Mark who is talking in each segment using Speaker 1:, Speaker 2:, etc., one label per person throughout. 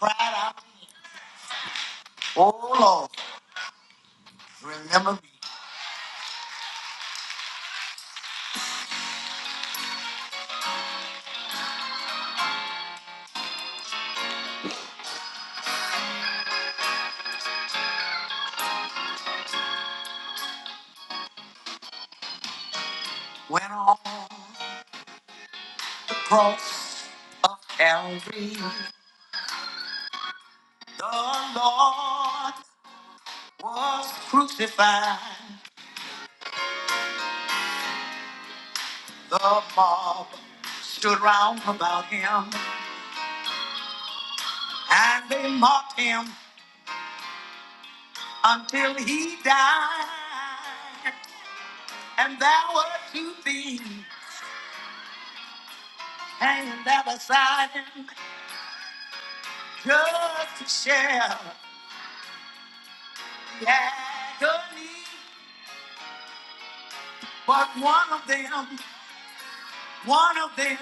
Speaker 1: cried out, Oh Lord, remember me when on the cross of Calvary the Lord was crucified. The mob stood round about him and they mocked him until he died. And there were two things hanging there beside him just to share the agony. But one of them, one of them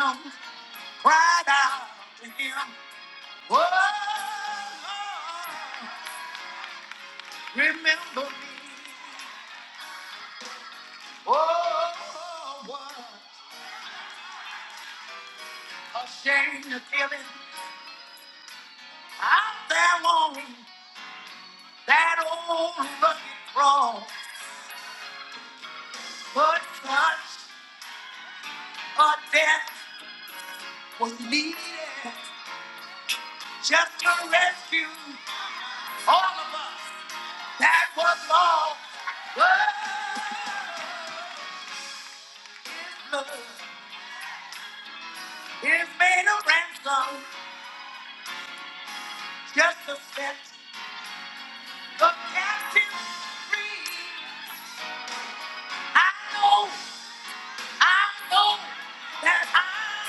Speaker 1: cried out to him, Oh, remember me. Oh, what a shame to kill him out there on that old rugged cross. But such a death was needed just to rescue all of us that was lost. Oh, is made a ransom just to set the captives free. I know, I know that I'm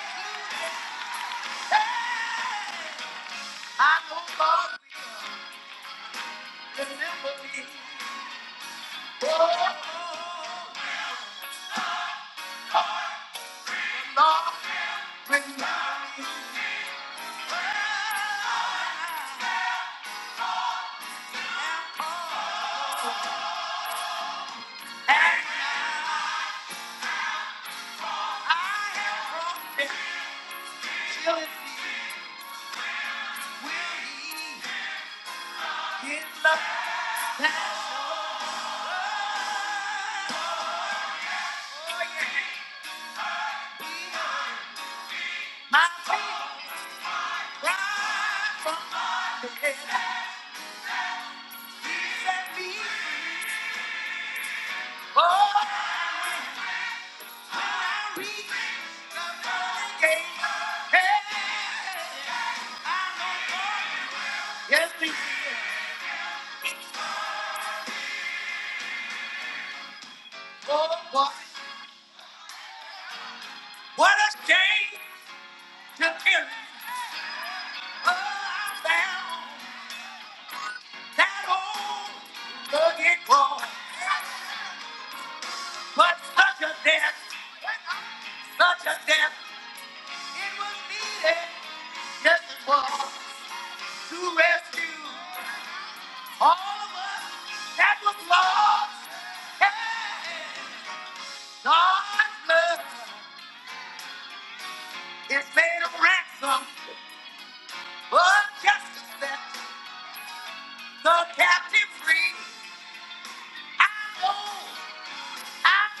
Speaker 1: included. Hey, I know God will remember me. Oh, Lord, remember me. Oh, And I have promised. Will it be? Will he get love? That's all you need. My feet right from my head. He set me free. Oh, when I reach the gate, hey, Yes, we will. Oh, boy. What a shame to hear. Oh, I found. That old rugged cross. But such a death, such a death, it was needed Yes, it was to rescue all of us that was lost. Hey, God's blood is made a ransom for justice that the captive free. I know, I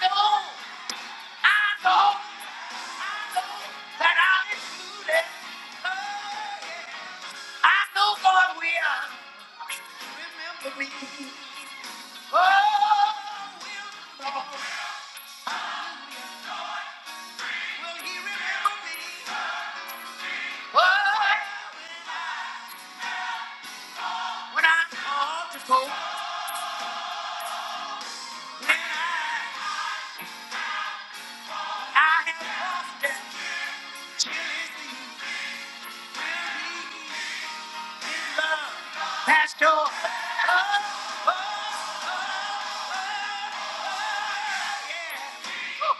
Speaker 1: know, I know. that I'm included. Oh, yeah. I know God will remember me. Oh, will Lord, will He remember me? Oh, when I call to go, when I, I have lost it, still is He will be. Pastor. Oh, oh, oh, oh, yeah. Oh.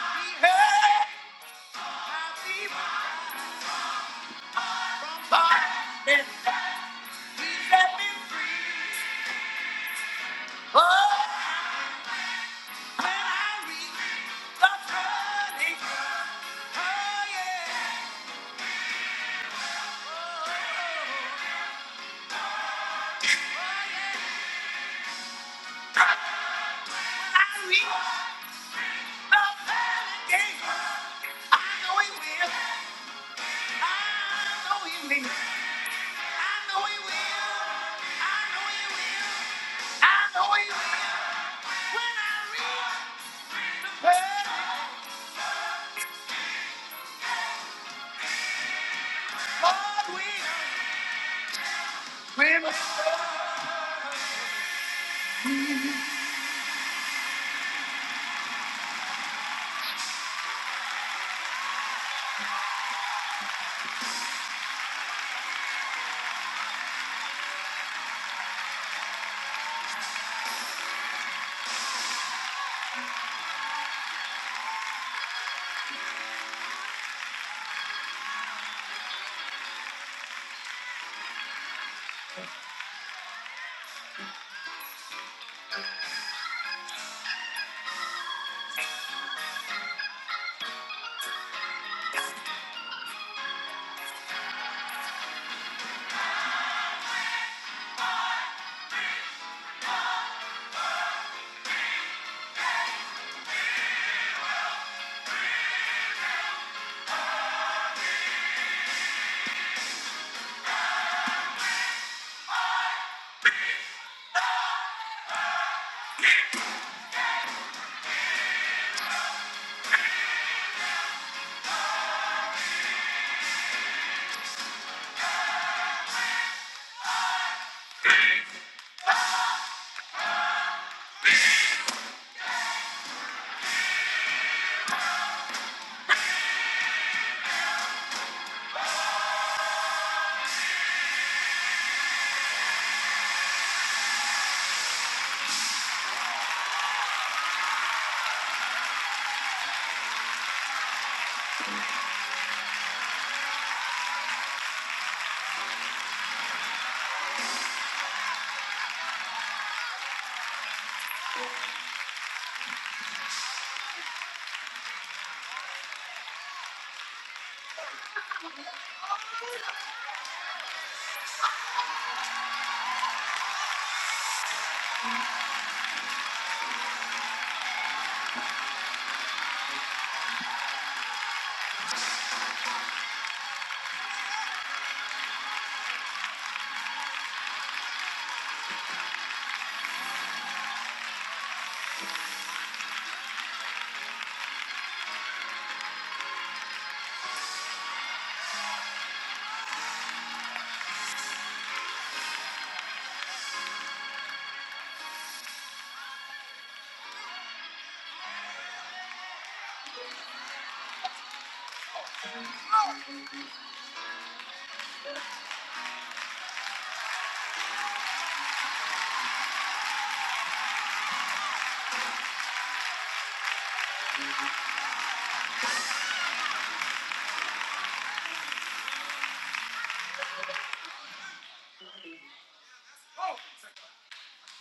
Speaker 1: He heard my people from bondage. He set me free. Oh, when I reach the turning point. Oh, yeah. Oh, oh, oh, yeah. When I reach the turning point, I know he will. I know he will. I know he will. I know he will. I know he will. When I reach, well,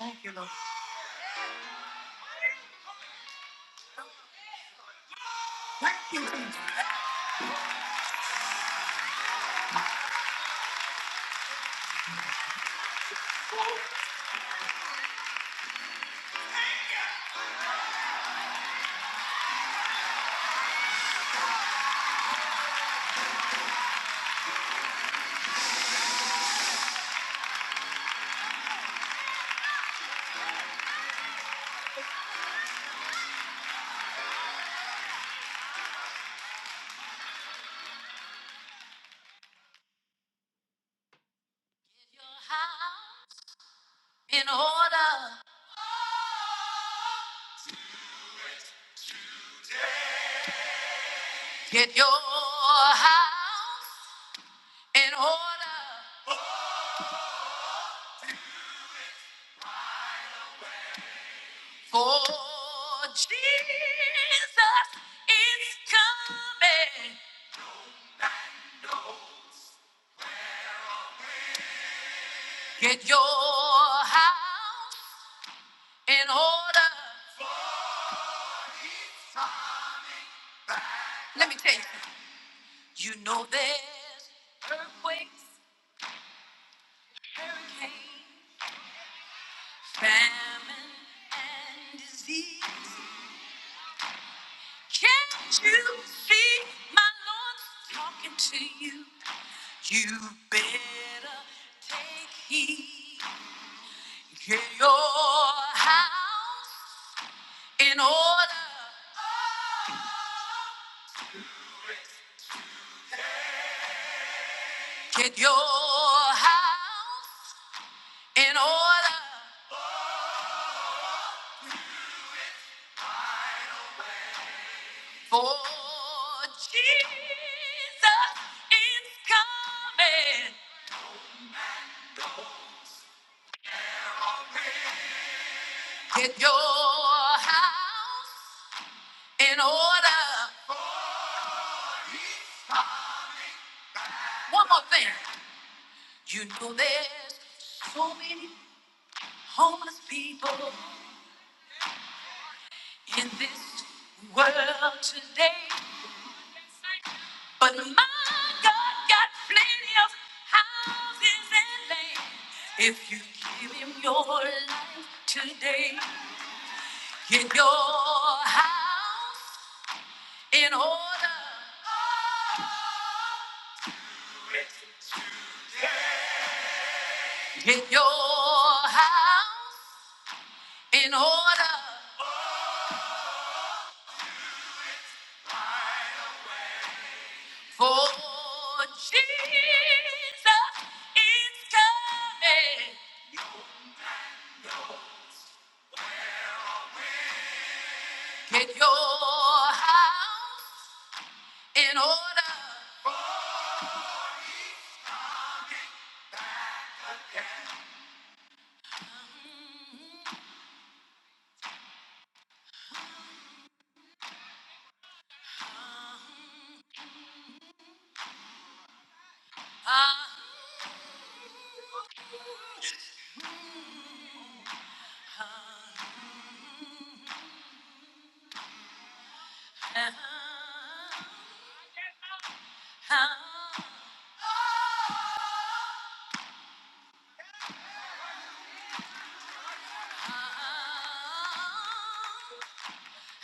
Speaker 1: Thank you, Lord. Thank you, Jesus. Your house in order. Get your house in order. For Jesus is coming. Get your house in order. Let me tell you. You know there's earthquakes, hurricanes, famine, and disease. Can't you see my Lord talking to you? You better take heed. Get your house in order. Get your house in order for Jesus is coming. Get your house in order. One more thing. You know there's so many homeless people in this world today. But my God got plenty of houses and land. If you give him your life today, get your house in order. Get your house in order. For Jesus is coming. Get your house in order.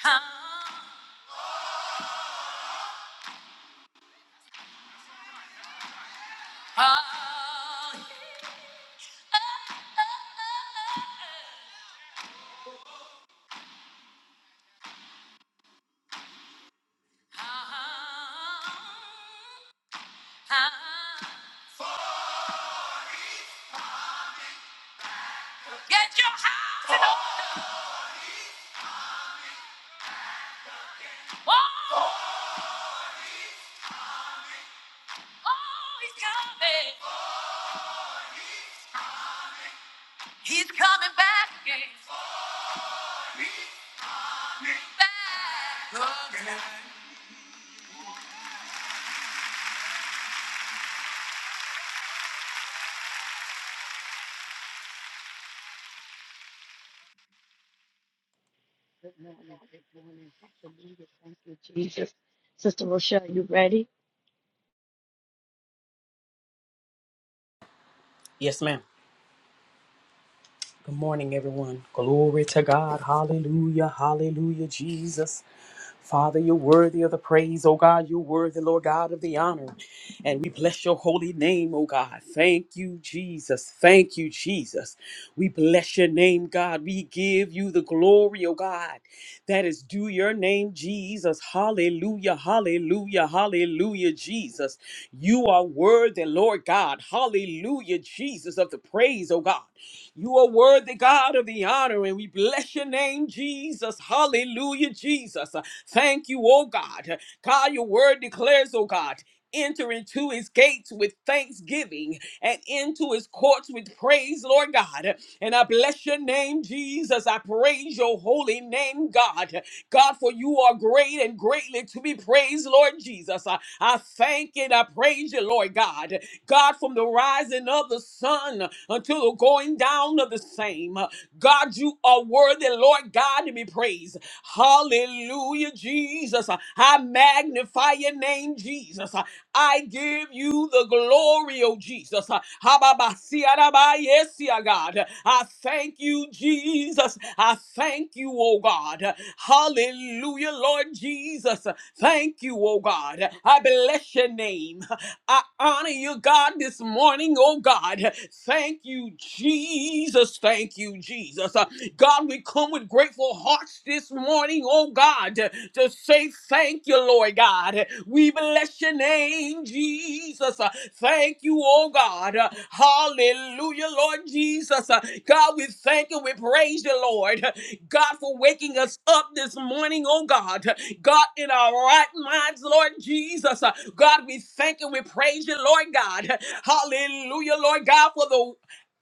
Speaker 1: Get your house. Oh, oh, he's coming. He's coming back again. Back again.
Speaker 2: Hallelujah. Thank you, Jesus. Sister Rochelle, you ready?
Speaker 3: Yes, ma'am. Good morning, everyone. Glory to God. Hallelujah. Hallelujah, Jesus. Father, you're worthy of the praise, oh God. You're worthy, Lord God, of the honor. And we bless your holy name, oh God. Thank you, Jesus. Thank you, Jesus. We bless your name, God. We give you the glory, oh God. That is due your name, Jesus. Hallelujah, hallelujah, hallelujah, Jesus. You are worthy, Lord God. Hallelujah, Jesus, of the praise, oh God. You are worthy, God, of the honor, and we bless your name, Jesus. Hallelujah, Jesus. Thank you, oh God. God, your word declares, oh God. Enter into his gates with thanksgiving and into his courts with praise, Lord God. And I bless your name, Jesus. I praise your holy name, God. God, for you are great and greatly to be praised, Lord Jesus. I, I thank and I praise you, Lord God. God, from the rising of the sun until the going down of the same. God, you are worthy, Lord God, to be praised. Hallelujah, Jesus. I magnify your name, Jesus. I give you the glory, oh Jesus. Uh, Hababasiarabayesia, God. I thank you, Jesus. I thank you, oh God. Hallelujah, Lord Jesus. Thank you, oh God. I bless your name. I honor you, God, this morning, oh God. Thank you, Jesus. Thank you, Jesus. Uh, God, we come with grateful hearts this morning, oh God, to say thank you, Lord God. We bless your name, Jesus. Uh, Thank you, oh God. Uh, Hallelujah, Lord Jesus. Uh, God, we thank you. We praise you, Lord. Uh, God, for waking us up this morning, oh God. Uh, God, in our right minds, Lord Jesus. Uh, God, we thank you. We praise you, Lord God. Uh, Hallelujah, Lord God, for the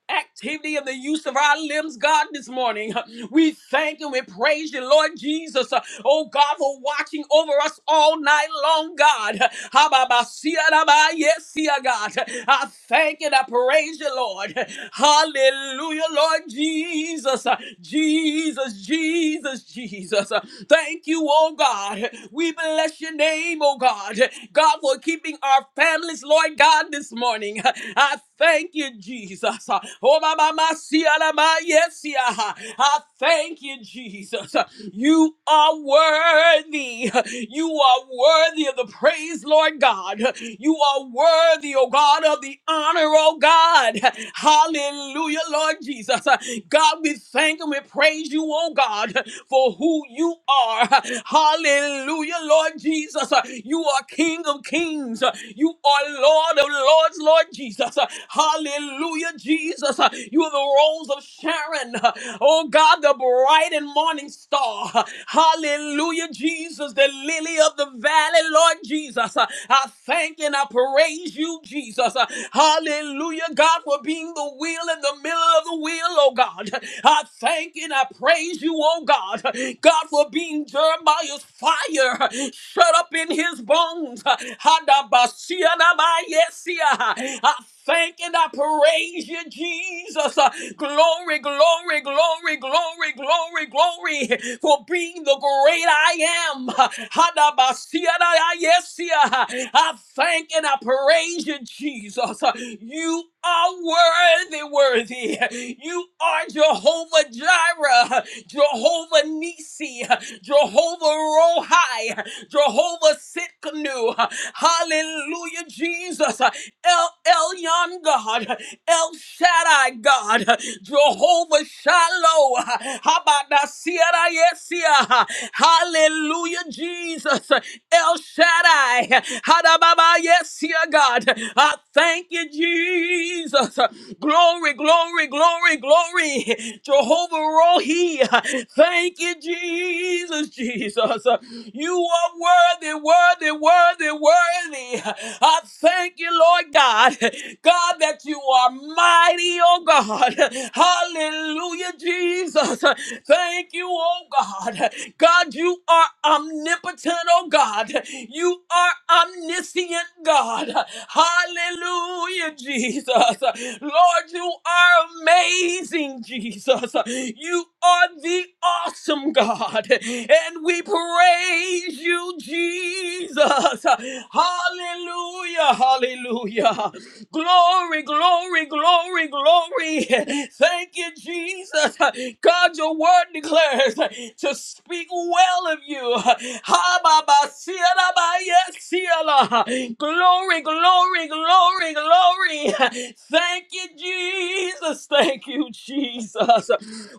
Speaker 3: activity of the use of our limbs, God, this morning. We thank and we praise you, Lord Jesus. Oh God, for watching over us all night long, God. Ha-ba-ba-sia-da-ba, Yes, see God. I thank and I praise you, Lord. Hallelujah, Lord Jesus. Jesus, Jesus, Jesus. Thank you, oh God. We bless your name, oh God. God, for keeping our families, Lord God, this morning. I thank you, Jesus. Oh, my, my, my, see, ah, la, my, yes, yeah. I thank you, Jesus. You are worthy. You are worthy of the praise, Lord God. You are worthy, oh God, of the honor, oh God. Hallelujah, Lord Jesus. God, we thank and we praise you, oh God, for who you are. Hallelujah, Lord Jesus. You are King of kings. You are Lord of lords, Lord Jesus. Hallelujah, Jesus. You are the rose of Sharon. Oh God, the bright and morning star. Hallelujah, Jesus, the lily of the valley, Lord Jesus. I thank and I praise you, Jesus. Hallelujah, God, for being the wheel in the middle of the wheel, oh God. I thank and I praise you, oh God. God, for being Jeremiah's fire shut up in his bones. Hadabasianabayesia. I thank and I praise you, Jesus. Uh, Glory, glory, glory, glory, glory, glory for being the great I am. Uh, Hadabasiadayayesiah. I thank and I praise you, Jesus. Uh, You are worthy, worthy. You are Jehovah Jireh, Jehovah Nisi, Jehovah Rohi, Jehovah Sitkanu. Hallelujah, Jesus. El Elyon God, El Shaddai God, Jehovah Shalom. Habadasia Yesia. Hallelujah, Jesus. El Shaddai. Hadababa, yes, dear God. I thank you, Jesus. Glory, glory, glory, glory. Jehovah Rohi. Thank you, Jesus, Jesus. You are worthy, worthy, worthy, worthy. I thank you, Lord God. God, that you are mighty, oh God. Hallelujah, Jesus. Jesus. Thank you, oh God. God, you are omnipotent, oh God. You are omniscient, God. Hallelujah, Jesus. Lord, you are amazing, Jesus. You are the awesome God. And we praise you, Jesus. Hallelujah, hallelujah. Glory, glory, glory, glory. Thank you, Jesus. God, your word declares to speak well of you. Ha, ba, ba, sia, da, ba, yes, sia, la. Glory, glory, glory, glory. Thank you, Jesus. Thank you, Jesus.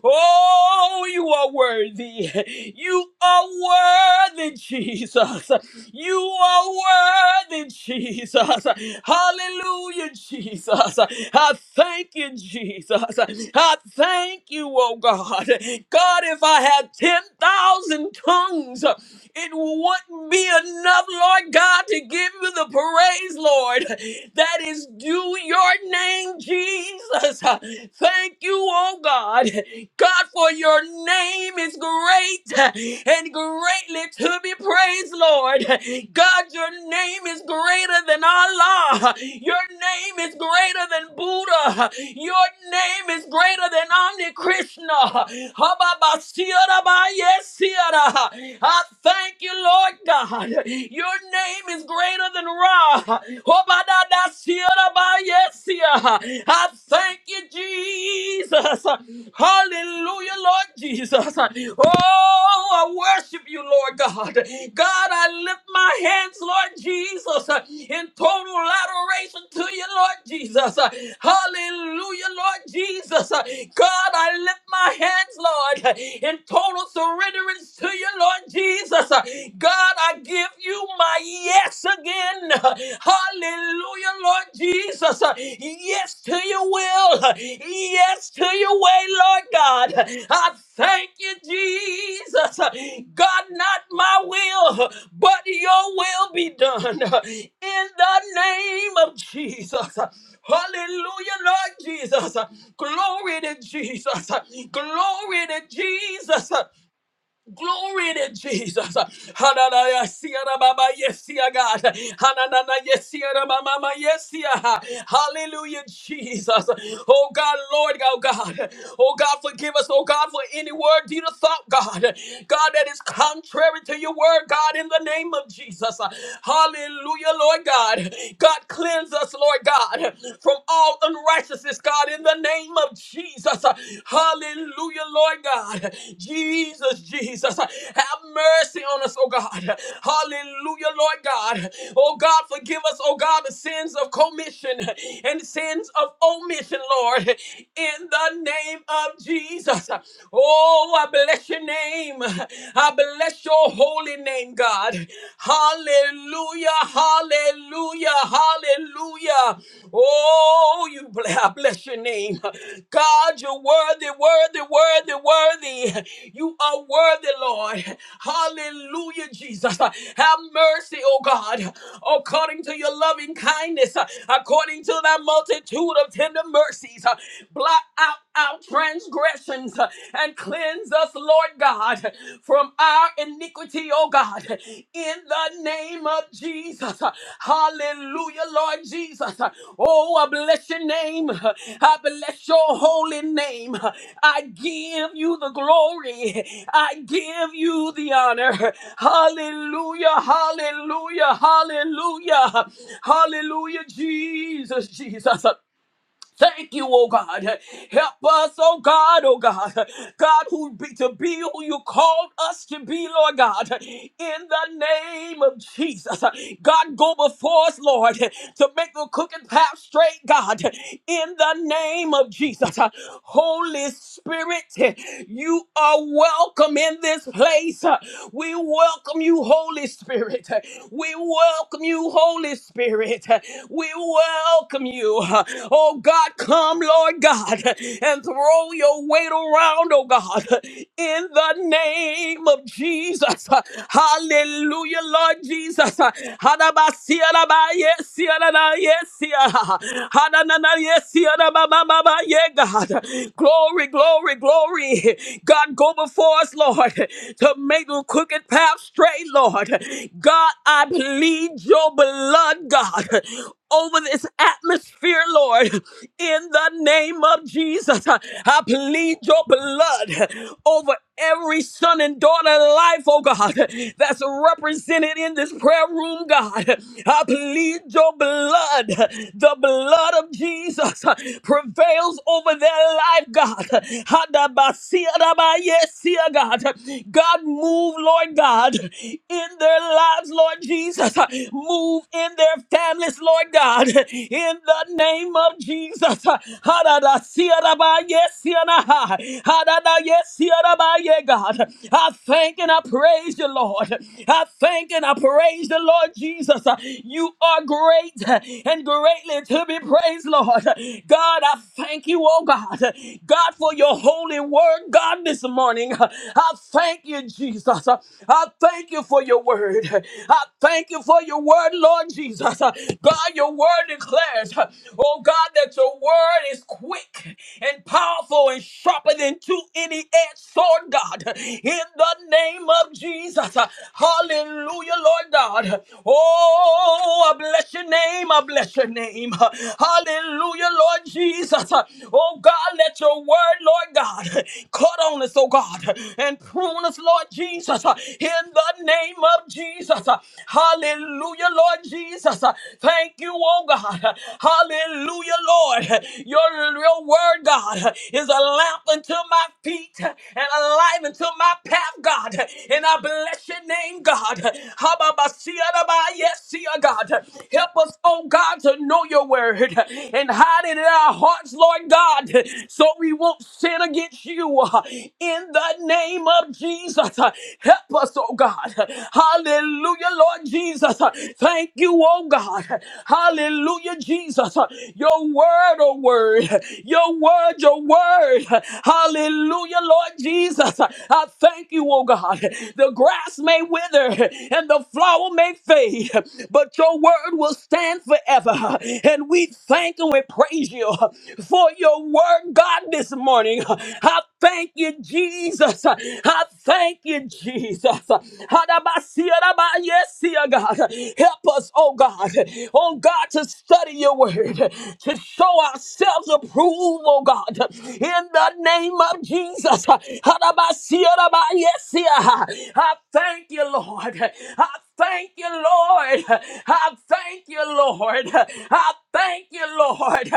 Speaker 3: Oh, you are worthy. You are worthy, Jesus. You are worthy, Jesus. Hallelujah, Jesus. I thank you, Jesus. I thank you, oh God. God, if I had 10,000 tongues, it wouldn't be enough, Lord God, to give you the praise, Lord, that is due your name, Jesus. Thank you, oh God. God, for your name is great and greatly to be praised, Lord. God, your name is greater than Allah. Your name is greater than Buddha. Your name is greater than Omni Krishna. Hababa siyara ba yes, siyara. I thank you, Lord God. Your name is greater than Ra. Obadadasiarabayesia. I thank you, Jesus. Hallelujah, Lord Jesus. Oh, I worship you, Lord God. God, I lift my hands, Lord Jesus, in total adoration to you, Lord Jesus. Hallelujah, Lord Jesus. God, I lift my hands, Lord, in total surrender turns to you, Lord Jesus. God, I give you my yes again. Hallelujah, Lord Jesus. Yes to your will. Yes to your way, Lord God. I thank you, Jesus. God, not my will, but your will be done. In the name of Jesus. Hallelujah, Lord Jesus. Glory to Jesus. Glory to Jesus. Glory to Jesus. Hananaya siara baba yesia God. Hananana yesiara mama yesia. Hallelujah, Jesus. Oh God, Lord, oh God. Oh God, forgive us, oh God, for any word, deed, or thought, God. God, that is contrary to your word, God, in the name of Jesus. Hallelujah, Lord God. God, cleanse us, Lord God, from all unrighteousness, God. God, in the name of Jesus. Hallelujah, Lord God. Jesus, Jesus, have mercy on us, oh God. Hallelujah, Lord God. Oh God, forgive us, oh God, the sins of commission and sins of omission, Lord, in the name of Jesus. Oh, I bless your name. I bless your holy name, God. Hallelujah hallelujah, hallelujah. Hallelujah! Oh, you bl- I bless your name. God, you're worthy, worthy, worthy, worthy. You are worthy, Lord. Hallelujah, Jesus. Have mercy, oh God, according to your loving kindness, according to thy multitude of tender mercies. Blot out our transgressions uh, and cleanse us, Lord God, from our iniquity, oh God, in the name of Jesus. Hallelujah, Lord Jesus. Oh, I bless your name. I bless your holy name. I give you the glory. I give you the honor. Hallelujah, hallelujah, hallelujah, hallelujah, Jesus, Jesus. Thank you, oh God. Help us, oh God, oh God. God, who be, to be who you called us to be, Lord God. In the name of Jesus. God, go before us, Lord, to make the crooked path straight, God. In the name of Jesus. Holy Spirit, you are welcome in this place. We welcome you, Holy Spirit. We welcome you, Holy Spirit. We welcome you you. Oh God, come, Lord God, and throw your weight around, oh God, in the name of Jesus. Hallelujah, Lord Jesus. Hadabasiyarabaye, siyaranaye, siya. Hadananaye, siyarabababa, God. Glory, glory, glory. God, go before us, Lord, to make the crooked path straight, Lord. God, I plead your blood, God Over over this atmosphere, Lord. In the name of Jesus, I plead your blood over every son and daughter life, oh God, that's represented in this prayer room, God. I plead your blood. The blood of Jesus prevails over their life, God. Hadabasiadabayesia, God. God, move, Lord God, in their lives, Lord Jesus. Move in their families, Lord God, in the name of Jesus. Hadada siaraba, yes, sianaha. Hadada, yes, siaraba, yeah, God. I thank and I praise you, Lord. I thank and I praise the Lord Jesus. You are great and greatly to be praised, Lord. God, I thank you, oh God. God, for your holy word, God, this morning. I thank you, Jesus. I thank you for your word. I thank you for your word word, Lord Jesus, uh, God, your word declares, uh, oh God, that your word is quick and powerful and sharper than two any edged sword, God, in the name of Jesus. uh, Hallelujah, Lord God. Oh, I bless your name. I bless your name. Uh, Hallelujah, Lord Jesus. Uh, Oh, God, let your word, Lord God, cut on us, oh God, and prune us, Lord Jesus, uh, in the name of Jesus. Hallelujah, Lord Jesus. Thank you, oh God. Hallelujah, Lord. Your, your word, God, is a lamp unto my feet and a light unto my path, God. And I bless your name, God. Hababasiyadaba, Yes, see, oh God. Help us, oh God, to know your word and hide it in our hearts, Lord God, so we won't sin against you. In the name of Jesus, help us, oh God. Hallelujah, Lord Jesus. Thank you, oh God. Hallelujah, Jesus. Your word, oh word. Your word, your word. Hallelujah, Lord Jesus. I thank you, oh God. The grass may wither and the flower may fade, but your word will stand forever. And we thank and we praise you for your word, God, this morning. I thank you, Jesus. I thank you, Jesus. Hadabasiaraba, Yes, dear God. Help us, oh God. Oh God, to study your word, to show ourselves approved, oh God. In the name of Jesus. Hadabasiaraba, Yes, dear. I thank you, Lord. I thank you, Lord. I thank you, Lord. I thank you, Lord.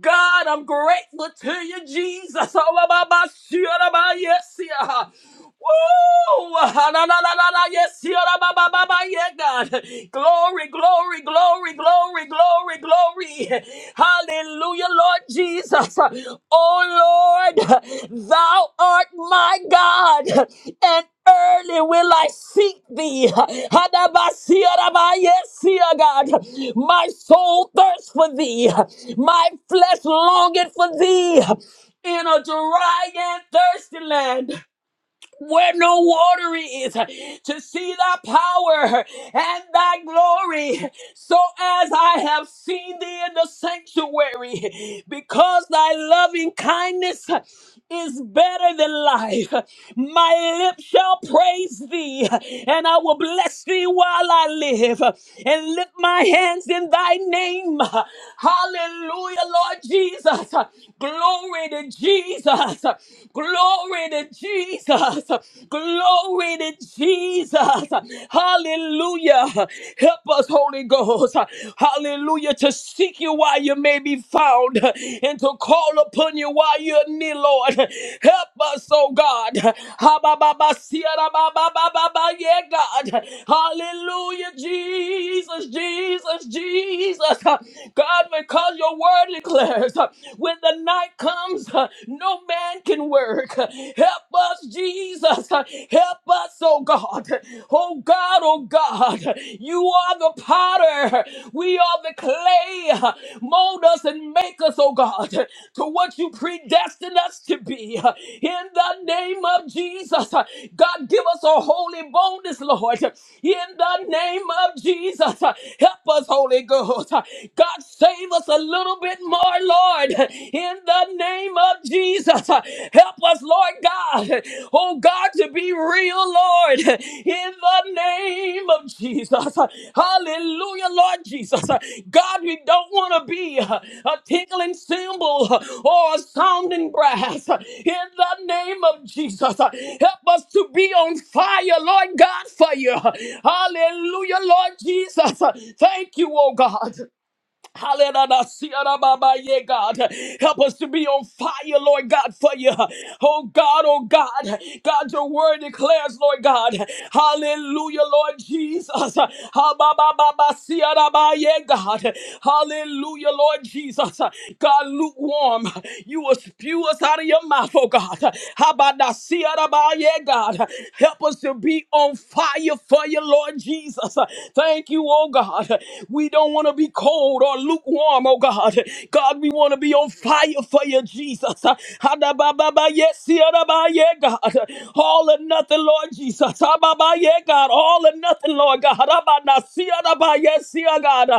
Speaker 3: God, I'm grateful to you, Jesus. Oh, Baba, Shira, Ba, Yes, dear. Woo! Ah, na, na, na, na, na, Yes, yeah, la, ba, ba, ba, ba, yeah, God. Glory, glory, glory, glory, glory, glory. Hallelujah, Lord Jesus. Oh Lord, thou art my God, and early will I seek thee. Hadabasia, Yes, yeah, God. My soul thirsts for thee, my flesh longeth for thee in a dry and thirsty land where no water is, to see thy power and thy glory. So as I have seen thee in the sanctuary, because thy loving kindness is better than life, my lips shall praise thee, and I will bless thee while I live, and lift my hands in thy name. Hallelujah, Lord Jesus. Glory to Jesus. Glory to Jesus. Glory to Jesus. Hallelujah. Help us, Holy Ghost. Hallelujah. To seek you while you may be found and to call upon you while you're near, Lord. Help us, oh God. Ha, ba, ba, ba, si, ya, da, ba, ba, ba, ba, ba, Yeah, God. Hallelujah. Jesus, Jesus, Jesus. God, because your word declares, when the night comes, uh, no man can work. Help us, Jesus. Help us, oh God. Oh God, oh God. You are the potter. We are the clay. Mold us and make us, oh God, to what you predestined us to be. In the name of Jesus, God, give us a holy boldness, Lord. In the name of Jesus, help us, Holy Ghost. God, save us a little bit Spirit more, Lord, in the name of Jesus. Help us, Lord God, oh God, to be real, Lord, in the name of Jesus. Hallelujah, Lord Jesus. God, we don't want to be a tinkling cymbal or a sounding brass in the name of Jesus. Help us to be on fire, Lord God, for you. Hallelujah, Lord Jesus. Thank you, oh God. Hallelujah. See ya, Baba, yeah, God. Help us to be on fire, Lord God, for you. Oh God, oh God. God, your word declares, Lord God. Hallelujah, Lord Jesus. Ha, ba, ba, ba, ba, see ya, Baba, yeah, God. Hallelujah, Lord Jesus. God, lukewarm. You will spew us out of your mouth, oh God. How about that? See ya, Baba, yeah, God. Help us to be on fire for you, Lord Jesus. Thank you, oh oh God. We don't want to be cold or lukewarm, oh God. God, we want to be on fire for you, Jesus. Ha-da-ba-ba-ba, Yes, ya-da-ba, yeah, God. All or nothing, Lord Jesus. Ha-ba-ba, yeah, God. All or nothing, Lord God. Ha-ba-na, see, ya-da-ba, Yes, ya, God.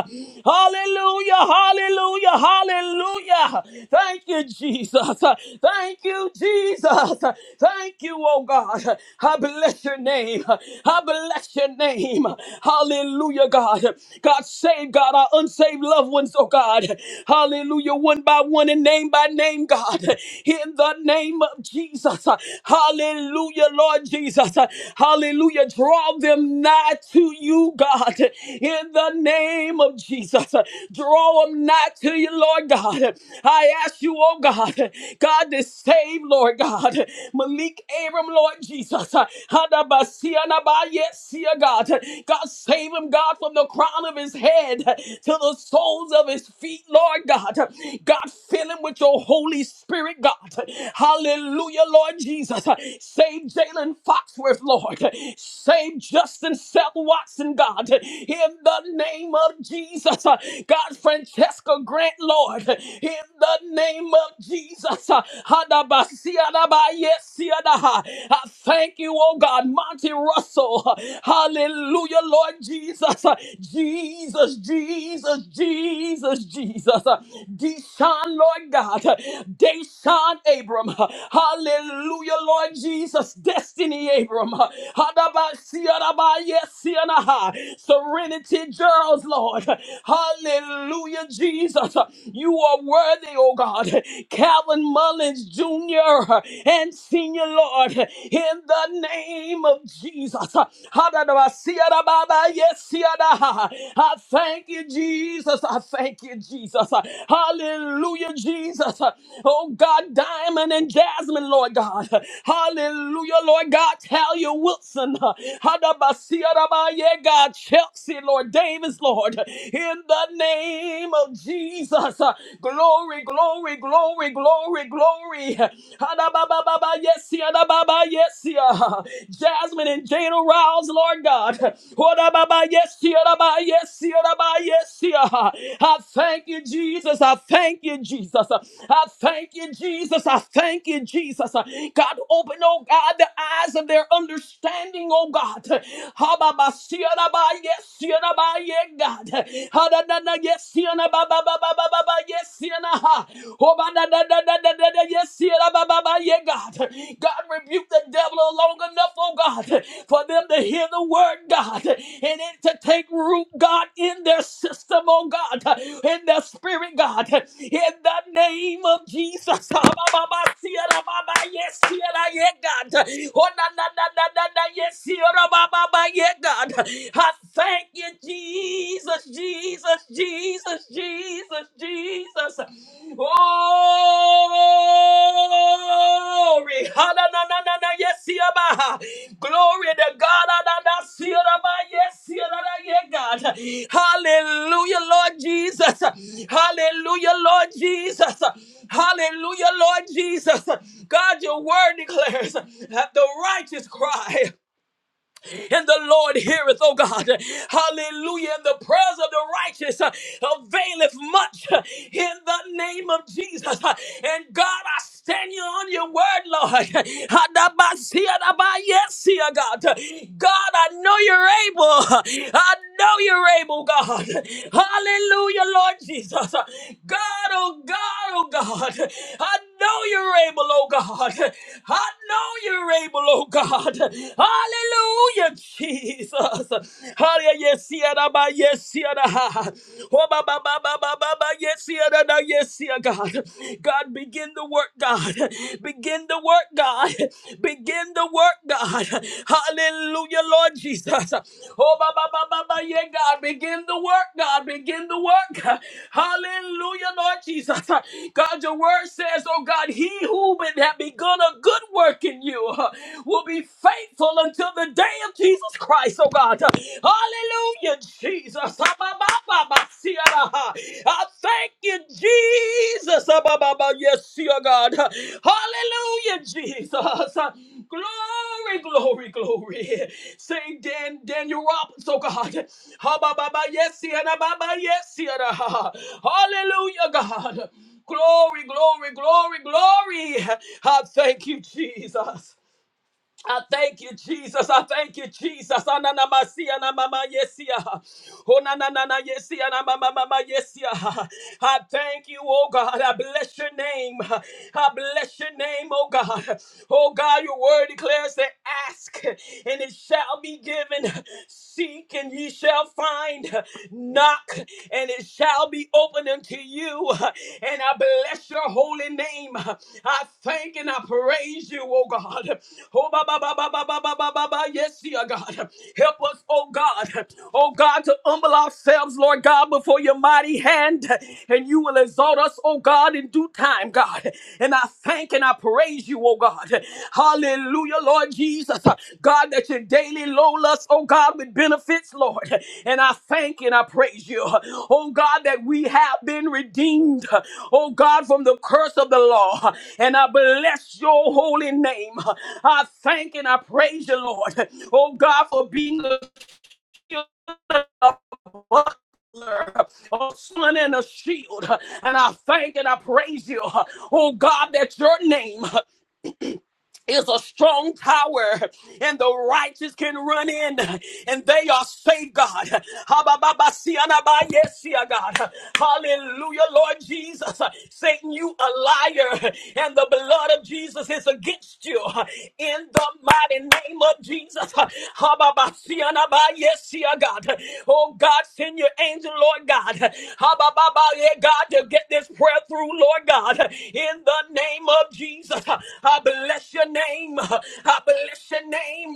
Speaker 3: Hallelujah, hallelujah, hallelujah. Thank you, Jesus. Thank you, Jesus. Thank you, oh God. I bless your name. I bless Bless your name. Hallelujah, God. God, save, God, our unsaved loved ones, oh God. Hallelujah, one by one and name by name, God. In the name of Jesus. Hallelujah, Lord Jesus. Hallelujah, draw them nigh to you, God. In the name of Jesus. Draw them nigh to you, Lord God. I ask you, oh God, God, to save, Lord God. Malik Abram, Lord Jesus. Jesus. Hadabasianaba, Yes, dear God. God, save him, God, from the crown of his head to the soles of his feet, Lord God. God, fill him with your Holy Spirit, God. Hallelujah, Lord Jesus. Save Jalen Foxworth, Lord. Save Justin Seth Watson, God. In the name of Jesus. God, Francesca Grant, Lord. In the name of Jesus. I thank you, oh God, Monty Russell. Hallelujah, Lord Jesus. Jesus, Jesus, Jesus, Jesus. Deshaun, Lord God. Deshaun Abram. Hallelujah, Lord Jesus. Destiny Abram. Hadabasiyadabayesiyanaha. Serenity Gerald, Lord. Hallelujah, Jesus. You are worthy, oh God. Calvin Mullins Jr. and Senior Lord, in the name of Jesus. I thank you, Jesus. I thank you, Jesus. Hallelujah, Jesus. Oh God, Diamond and Jasmine, Lord God. Hallelujah, Lord God. Talia Wilson. Hadabasiyadabaye, God, Chelsea, Lord Davis, Lord. In the name of Jesus. Jesus. Glory, glory, glory, glory, glory. Adabababa, Yes, yeah, adababa, yes. yeah. Jasmine and Jane Rouse, Lord God. Adababa, Yes, adababa, yes, adababa, yes. yeah. I thank you, Jesus. I thank you, Jesus. I thank you, Jesus. I thank you, Jesus. God, open, oh God, the eyes of their understanding, oh God. Hababasiarabaye, siarabaye, God. Hadadada, Yes, Sienna, ba ba ba ba ba ba ba. Yes, Sienna. ha. Oh, ba da da da da da da da. Yes, ba ba ba. Yeah, God. God rebuke the devil long enough, oh God, for them to hear the word, God, and it to take root, God, in their system, oh God, in their spirit, God, in the name of Jesus. Ah, ba ba ba. Sienna, ba ba. Yes, Sienna. Yeah, God. Oh, na na na na na na. Yes, Sienna, ba ba ba. Yeah, God. I thank you, Jesus, Jesus, Jesus, Jesus, Jesus. Glory. Ha-na-na-na-na-na. Yes, Yaba. Glory to God. Ha-na-na-na-na-na. Yes, Yaba. Yeah, God. Hallelujah, Lord Jesus. Hallelujah, Lord Jesus. Hallelujah, Lord Jesus. God, your word declares that the righteous cry and the Lord heareth, oh God. Hallelujah. And the prayers of the righteous uh, availeth much uh, in the name of Jesus. Uh, And God, I stand you on your word, Lord. Yes, God. God, I know you're able. I know you're able, God. Hallelujah, Lord Jesus. God, oh God, oh God. I know you're able, oh God. I know you're able, oh God. Hallelujah, Jesus. Hallelujah, yes, yeah, da, ba, yes, yeah, da, ha, ha. Oh, ba, ba, ba, ba, ba, ba, ba, yes, yeah, da, da, yes, yeah, God. God, begin the work, God. Begin the work, God. Begin the work, God. Hallelujah, Lord Jesus. Oh, ba, ba, ba, ba, ba, yeah, God. Begin the work, God. Begin the work. Hallelujah, Lord Jesus. God, your word says, oh, God, he who would have begun a good work in you will be be faithful until the day of Jesus Christ, oh God. Hallelujah, Jesus. Ah, ah, ah, ah. I thank you, Jesus. Ah, Yes, dear God. Hallelujah, Jesus. Glory, glory, glory. Say Dan, Daniel Roberts, oh God. Ah, Yes, dear. yes, see, ah, ah. Hallelujah, God. Glory, glory, glory, glory. I thank you, Jesus. I thank you, Jesus. I thank you, Jesus. Ananamasia na mama yesia. Onanana yesia na mama mama yesia. I thank you, oh God. I bless your name. I bless your name, oh God. Oh God, your word declares that ask and it shall be given. Seek and ye shall find. Knock knock and it shall be open unto you. And I bless your holy name. I thank and I praise you, oh God. Oh, ba, ba, ba, ba, ba, ba, ba, ba, ba, ba. Yes, dear God. Help us, oh God. Oh God, to humble ourselves, Lord God, before your mighty hand. And you will exalt us, oh God, in due time, God. And I thank and I praise you, oh God? Hallelujah, Lord Jesus. God, that you daily load us, oh God, with benefits, Lord. And I thank and I praise you, oh God, that we have been redeemed, oh God, from the curse of the law. And I bless your holy name. I thank and I praise you, Lord, oh God, for being a shield a sun and a shield. And I thank and I praise you, oh God, that your name is a strong tower, and the righteous can run in, and they are saved, God. Habababasianabayesia, God. Hallelujah, Lord Jesus. Satan, you a liar, and the blood of Jesus is against you. In the mighty name of Jesus. Habababasianabayesia, God. Oh, God, send your angel, Lord God. Habababa, yeah, God, to get this prayer through, Lord God. God, in the name of Jesus, I bless your name. I bless your name.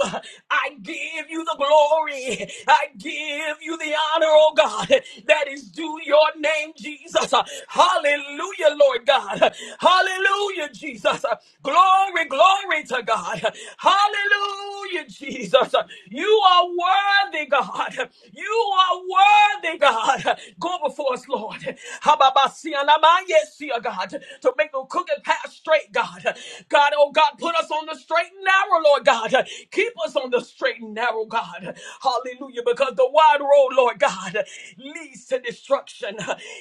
Speaker 3: I give you the glory. I give you the honor, oh God, that is due your name, Jesus. Hallelujah, Lord God. Hallelujah, Jesus. Glory, glory to God. Hallelujah, Jesus. You are worthy, God. You are worthy, God power for us, Lord. Hababasianamayesi, God, to make the crooked path straight, God. God, oh God, put us on the straight and narrow, Lord God. Keep us on the straight and narrow, God. Hallelujah, because the wide road, Lord God, leads to destruction.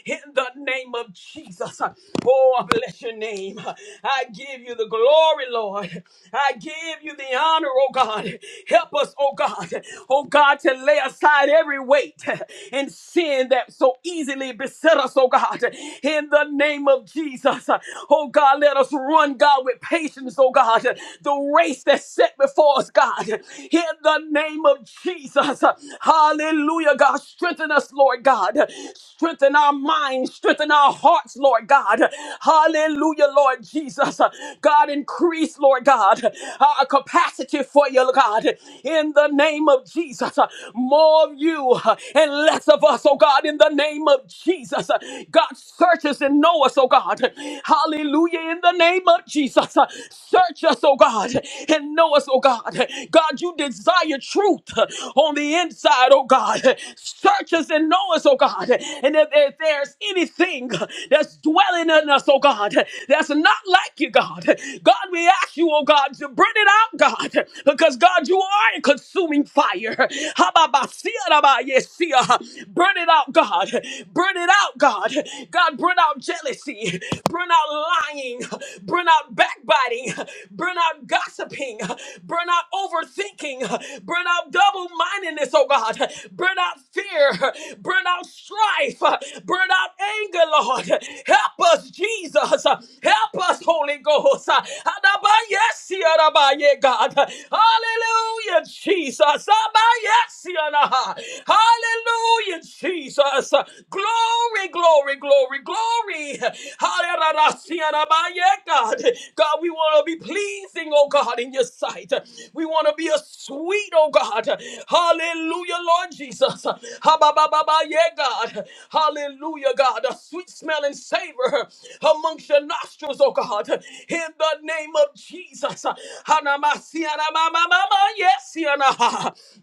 Speaker 3: In the name of Jesus. Oh, I bless your name. I give you the glory, Lord. I give you the honor, oh God. Help us, oh God. Oh God, to to lay aside every weight and sin that so easily beset us, oh God. In the name of Jesus, oh God, let us run, God, with patience, oh God, the race that's set before us, God. In the name of Jesus, hallelujah, God. Strengthen us, Lord God. Strengthen our minds, strengthen our hearts, Lord God. Hallelujah, Lord Jesus. God, increase, Lord God, our capacity capacity for you, God, in the name of Jesus. More of you and less of us, oh God, in the name of Jesus. God, search us and know us, oh God. Hallelujah, in the name of Jesus. Search us, oh God, and know us, oh God. God, you desire truth on the inside, oh God. Search us and know us, oh God. And if, if there's anything that's dwelling in us, oh God, that's not like you, God. God, we ask you, oh God, to bring it out, God, because God, you are a consuming fire. Hababasia-rabayesia. Burn it out, God. Burn it out, God. God, burn out jealousy. Burn out lying. Burn out backbiting. Burn out gossiping. Burn out overthinking. Burn out double mindedness, oh God. Burn out fear. Burn out strife. Burn out finger, Lord. Help us, Jesus. Help us, Holy Ghost. Adabayesiarabaye, God. Hallelujah, Jesus. Abayesianaha. Hallelujah, Jesus. Glory, glory, glory, glory. Hallelujah, adabaye, God. God, we want to be pleasing, oh God, in your sight. We want to be a sweet, oh God. Hallelujah, Lord Jesus. Ha-ba-ba-ba-ba, yeah, God. Hallelujah, God. A sweet smelling savor amongst your nostrils, oh God. In the name of Jesus. Ha-na-ma-si-ya-na-ma-ma-ma-ma, Yes, ya-na.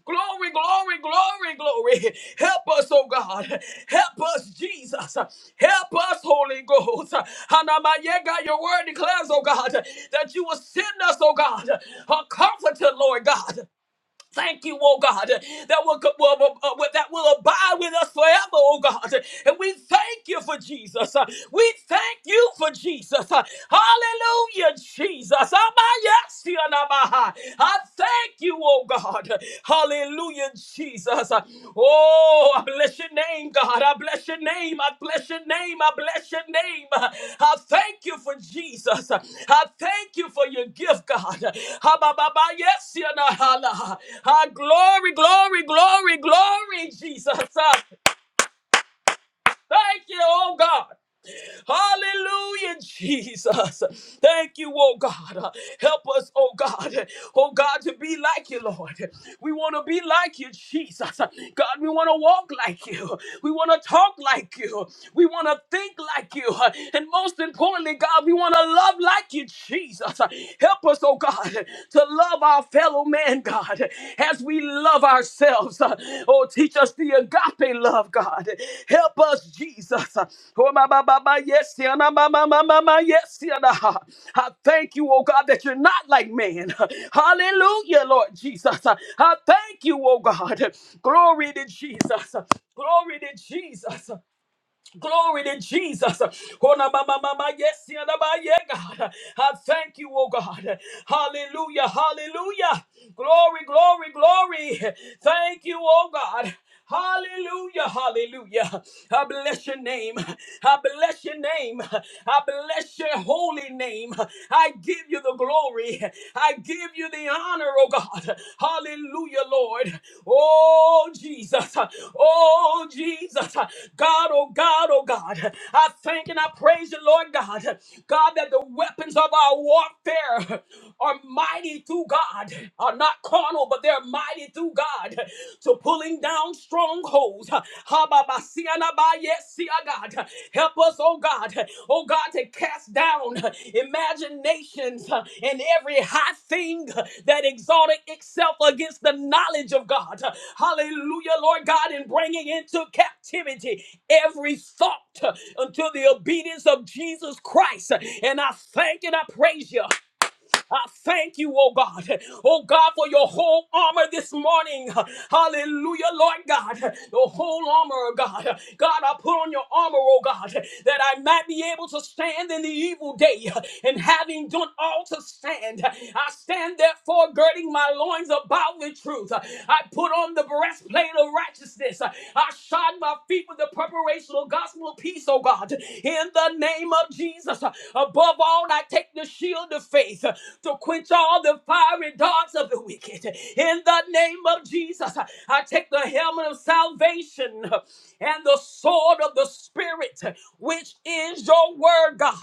Speaker 3: glory, glory, glory, glory. Help us, oh God. Help us, Jesus. Help us, Holy Ghost. Ha-na-ma, yeah, God, your word declares, oh God, that you will send us, oh God, a comforter, Lord God. Thank you, oh God, that will, will- will- uh, that will abide with us forever, oh God. And we thank you for Jesus. Uh, We thank you for Jesus. Uh, Hallelujah, Jesus. Amayasianabaha. I thank you, oh God. Hallelujah, Jesus. Jesus. Oh, I bless your name, God. I bless your name. I bless your name. I bless your name. I thank you for Jesus. I thank you for your gift, God. Ha, ba, ba, ba, Yes, you know, hala. Ah, glory, glory, glory, glory, Jesus. Thank you, oh God. Hallelujah, Jesus. Thank you, oh God. Help us, oh God. Oh God, to be like you, Lord. We want to be like you, Jesus. God, we want to walk like you. We want to talk like you. We want to think like you. And most importantly, God, we want to love like you, Jesus. Help us, oh God, to love our family fellow man, God, as we love ourselves. uh, Oh, teach us the agape love, God. Help us, Jesus. Uh, Oh, my, my, my, my, yes, yeah, my, my, my, my, my, my, yes, yeah, nah. I thank you, oh God, that you're not like man. Hallelujah, Lord Jesus. Uh, I thank you, oh God. Glory to Jesus. Uh, Glory to Jesus. Glory to Jesus. Oh, na, ma, ma, ma, ma, Yes, yeah, na, ma, yeah, God. I thank you, oh God. Hallelujah. Hallelujah. Glory, glory, glory. Thank you, oh God. Hallelujah, hallelujah. I bless your name. I bless your name. I bless your holy name. I give you the glory. I I give you the honor, oh God. Hallelujah, Lord. Oh, Jesus. Oh, Jesus. God, oh God, oh God. I thank and I praise you, Lord God. God, that the weapons of our warfare are mighty through God, are not carnal, but they're mighty through God to pulling down strongholds. God. Help us, oh God, oh God, to cast down imaginations and every high thing that exalted itself against the knowledge of God. Hallelujah, Lord God, and bringing into captivity every thought unto the obedience of Jesus Christ. And I thank and I praise you. I thank you, oh God. Oh God, for your whole armor this morning. Hallelujah, Lord God. Your whole armor, God. God, I put on your armor, oh God, that I might be able to stand in the evil day. And having done all to stand, I stand therefore girding my loins about with truth. I put on the breastplate of righteousness. I shod my feet with the preparation of gospel of peace, oh God. In the name of Jesus, above all on, I take the shield of faith uh, to quench all the fiery darts of the wicked. In the name of Jesus, uh, I take the helmet of salvation uh, and the sword of the Spirit, uh, which is your word, God.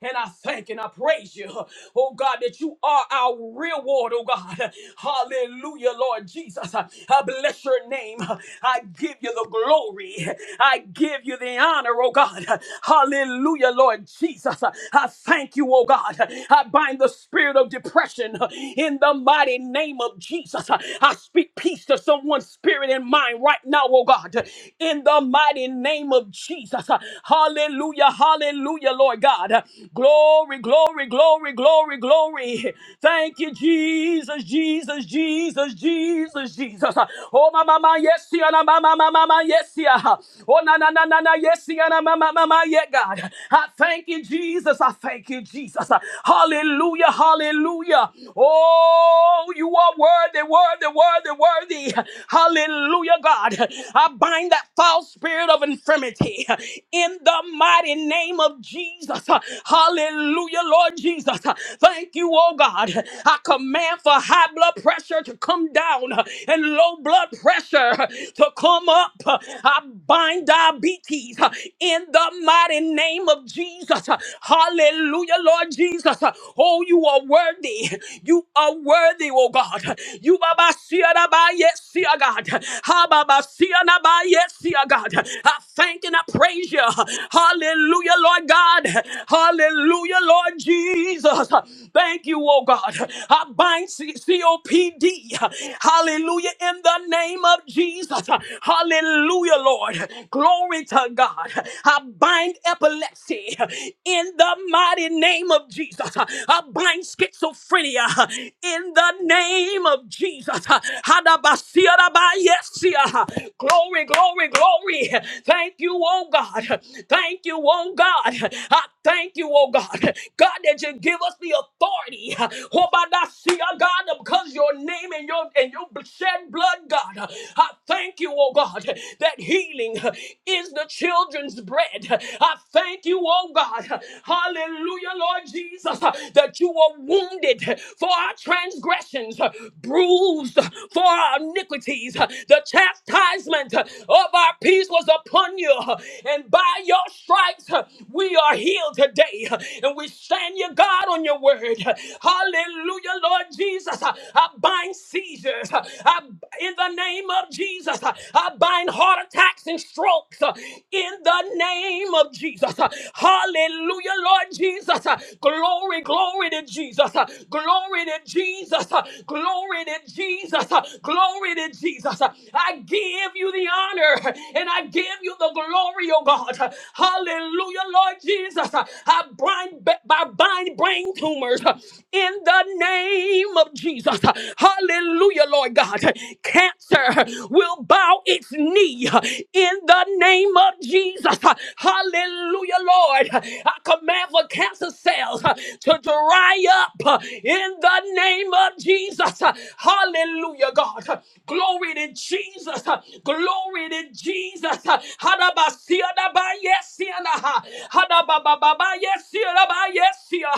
Speaker 3: And I thank and I praise you, uh, oh God, that you are our reward, oh God. Hallelujah, Lord Jesus. Uh, I bless your name. Uh, I give you the glory. I give you the honor, oh God. Hallelujah. Lord Jesus. I thank you, oh God. I bind the spirit of depression in the mighty name of Jesus. I speak peace to someone's spirit and mind right now, oh God, in the mighty name of Jesus. Hallelujah, hallelujah, Lord God. Glory, glory, glory, glory, glory. Thank you, Jesus, Jesus, Jesus, Jesus, Jesus. Oh, mama, yes, yeah, na, mama, mama, yes, yeah. Oh, na, na, na, na, na, yes, yet, God. I thank you, Jesus. I thank you, Jesus. Hallelujah. Hallelujah. Oh, you are worthy, worthy, worthy, worthy. Hallelujah, God. I bind that false spirit of infirmity in the mighty name of Jesus. Hallelujah, Lord Jesus. Thank you, oh God. I command for high blood pressure to come down and low blood pressure to come up. I I bind diabetes uh, in the mighty name of Jesus. Uh, Hallelujah, Lord Jesus. Uh, Oh, you are worthy. You are worthy, oh God. You Baba Siana by yes, see God. Ha Baba Siana by yes, see God. I thank and I praise you. Hallelujah, Lord God. Hallelujah, Lord Jesus. Thank you, oh God. I bind COPD. Hallelujah, in the name of Jesus. Hallelujah, Lord. Glory to God. I bind epilepsy in the mighty name of Jesus. I bind schizophrenia in the name of Jesus. Hadabasiarabayesia. Glory, glory, glory. Thank you, oh God. Thank you, oh God. I Thank you, oh God. God, that you give us the authority. Oh, by thy seal, God, because your name and your and your shed blood, God. I thank you, oh God, that healing is the children's bread. I thank you, oh God. Hallelujah, Lord Jesus, that you were wounded for our transgressions, bruised for our iniquities. The chastisement of our peace was upon you, and by your stripes, we we are healed today. And we stand you, God, on your word. Hallelujah, Lord Jesus. I bind seizures. I, in the name of Jesus, I bind heart attacks and strokes. In the name of Jesus. Hallelujah, Lord Jesus. Glory, glory to Jesus. Glory to Jesus. Glory to Jesus. Glory to Jesus. I give you the honor and I give you the glory, oh God. Hallelujah. Hallelujah, Lord Jesus. I bind, I bind brain tumors in the name of Jesus. Hallelujah, Lord God. Cancer will bow its knee in the name of Jesus. Hallelujah, Lord. I command for cancer cells to dry up in the name of Jesus. Hallelujah, God. Glory to Jesus. Glory to Jesus. Hadabasiadabaye yes, yana. Hadabababa, yes, yaraba, yes, ya.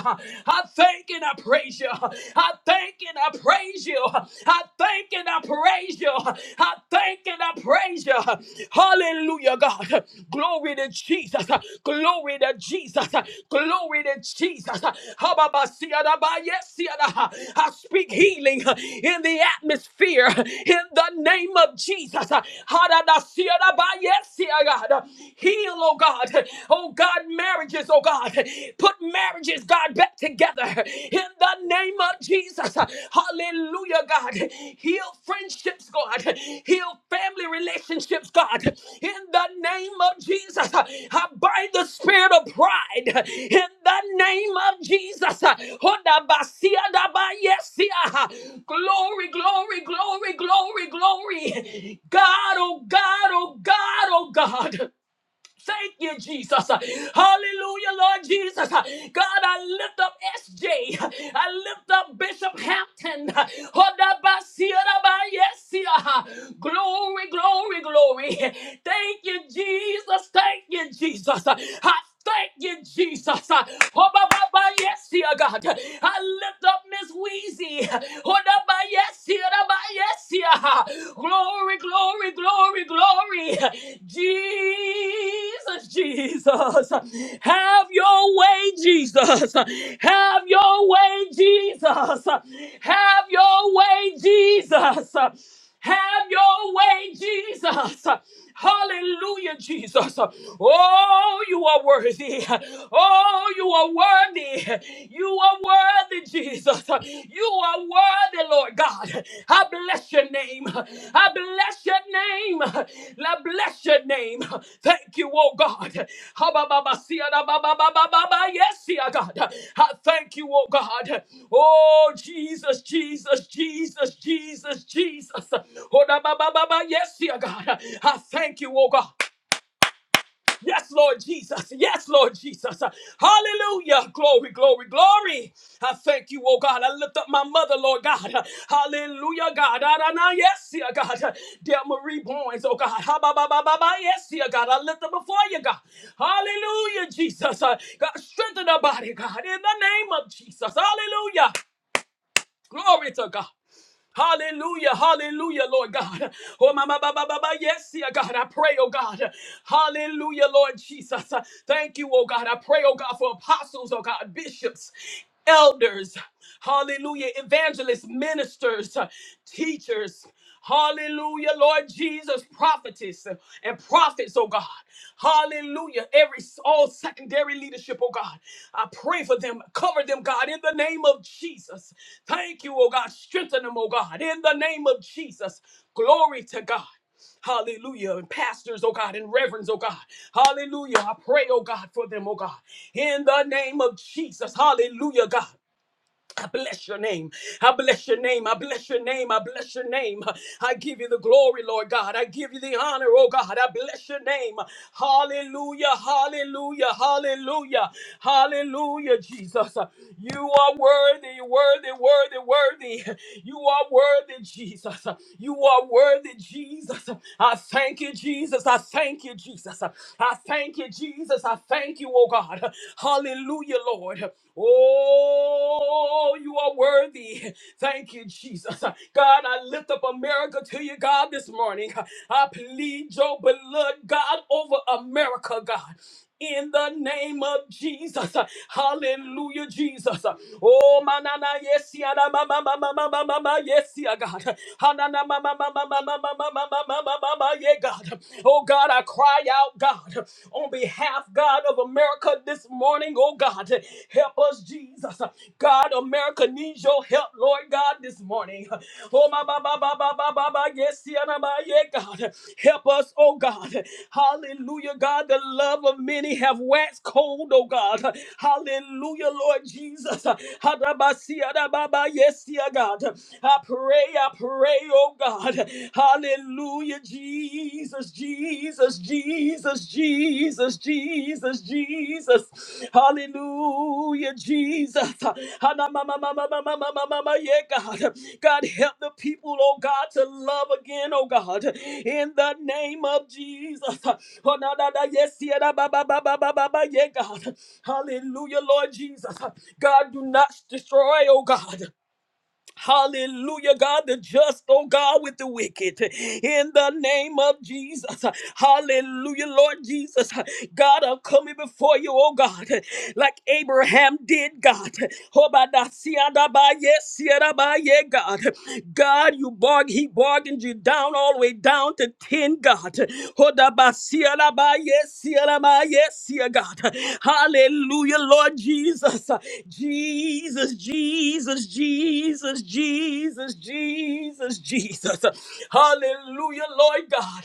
Speaker 3: I thank and I praise you. I thank and I praise you. I thank and I praise you. I thank and I praise you. Hallelujah, God. Glory to Jesus. Glory to Jesus. Glory to Jesus. Hababasiyadaba, yes, yana. I speak healing in the atmosphere in the name of Jesus. Hadadasiyadaba, yes, ya, God heal, oh God. Oh God, marriages, oh God. Put marriages, God, back together in the name of Jesus. Hallelujah, God. Heal friendships, God. Heal family relationships, God. In the name of Jesus. I bind the spirit of pride in the name of Jesus. Hoda basia da yesia. Glory, glory, glory, glory, glory. God, oh God, oh God, oh God. Thank you, Jesus. Hallelujah, Lord Jesus. God, I lift up SJ. I lift up Bishop Hampton. Hodabasirabayesia. Glory, glory, glory. Thank you, Jesus. Thank you, Jesus. I Thank you, Jesus. Uh, Oh, ba, ba, ba, yes, dear God. I lift up Miss Wheezy. Oh, da, ba, yes, dear, da, ba, yes, dear. Glory, glory, glory, glory. Jesus, Jesus. Have your way, Jesus. Have your way, Jesus. Have your way, Jesus. Have your way, Jesus. Hallelujah, Jesus. Oh, you are worthy. Oh, you are worthy. You are worthy, Jesus. You are worthy, Lord God. I bless your name. I bless your name. I bless Bless your name. Thank you, oh God. Yes, dear God. I thank you, oh God. Oh, Jesus, Jesus, Jesus, Jesus, Jesus. Oh, Yes, dear God. I thank you, oh God. Yes, Lord Jesus. Yes, Lord Jesus. Hallelujah. Glory, glory, glory. I thank you, oh God. I lift up my mother, Lord God. Hallelujah, God. Adonai, Yes, dear God. Dear Marie Boynes, oh God. Ha, ba, ba, ba, ba, ba. Yes, dear God. I lift up before you, God. Hallelujah, Jesus. Uh, God, strengthen her body, God. In the name of Jesus. Hallelujah. Glory to God. Hallelujah, hallelujah, Lord God. Oh, my, my, my, my, my, my, yes, dear God, I pray, oh God. Hallelujah, Lord Jesus. Thank you, oh God. I pray, oh God, for apostles, oh God, bishops, elders, hallelujah, evangelists, ministers, teachers. Hallelujah, Lord Jesus, prophetess and prophets, oh God. Hallelujah. Every all secondary leadership, oh God. I pray for them. Cover them, God, in the name of Jesus. Thank you, oh God. Strengthen them, oh God, in the name of Jesus. Glory to God. Hallelujah. And pastors, oh God, and reverends, oh God. Hallelujah. I pray, oh God, for them, oh God. In the name of Jesus. Hallelujah, God. I bless your name. I bless your name. I bless your name. I bless your name. I give you the glory, Lord God. I give you the honor, oh God. I bless your name. Hallelujah. Hallelujah. Hallelujah. Hallelujah, Jesus. You are worthy, worthy, worthy, worthy. You are worthy, Jesus. You are worthy, Jesus. I thank you, Jesus. I thank you, Jesus. I thank you, Jesus. I thank you, oh God. Hallelujah, Lord. Oh, you are worthy. Thank you, Jesus. God, I lift up America to you, God, this morning. I plead your blood, God, over America, God. In the name of Jesus. Hallelujah, Jesus. Oh, manana, yes, ya, na, ma, ma, ma, ma, ma, ma, ma, ma, yes, ya, God. Hanana, ma, ma, ma, ma, ma, ma, ma, ma, ma, ma, ma, ma, ma, ma, yeah, God. Oh, God, I cry out, God on behalf, God, of America this morning, oh God. Help us, Jesus. God, America needs your help, Lord God, this morning. Oh, my, ba, ba, ba, ba, ba, ba, ba, yes, yeah, na, ba, yeah, God. Help us, oh God. Hallelujah, God. The love of many have waxed cold, oh God. Hallelujah, Lord Jesus. Hadabasiya, da, ba, si, ya, da, ba, ba, Yes, yeah, God. I pray, I pray, oh God. Hallelujah, Jesus, Jesus, Jesus, Jesus, Jesus, Jesus. Hallelujah, Jesus. Hana ma ma ma ma ma ma ma ma ma ma. Yeah, God. God, help the people, oh God, to love again, oh God. In the name of Jesus. Oh, na, na, na, yes, yeah, na, ba, ba, ba, ba, ba, ba, ba. Yeah, God. Hallelujah, Lord Jesus. God, do not destroy, oh God. Hallelujah, God, the just, oh God, with the wicked. In the name of Jesus. Hallelujah, Lord Jesus. God, I'm coming before you, oh God, like Abraham did, God. Hobadasiadabaye, siadabaye, God. God, you bargain, he bargained you down all the way down to 10, God. Hodabasiadabaye, siadabaye, siya, God. Hallelujah, Lord Jesus. Jesus. Jesus, Jesus, Jesus, Jesus, Jesus, Jesus. Hallelujah, Lord God.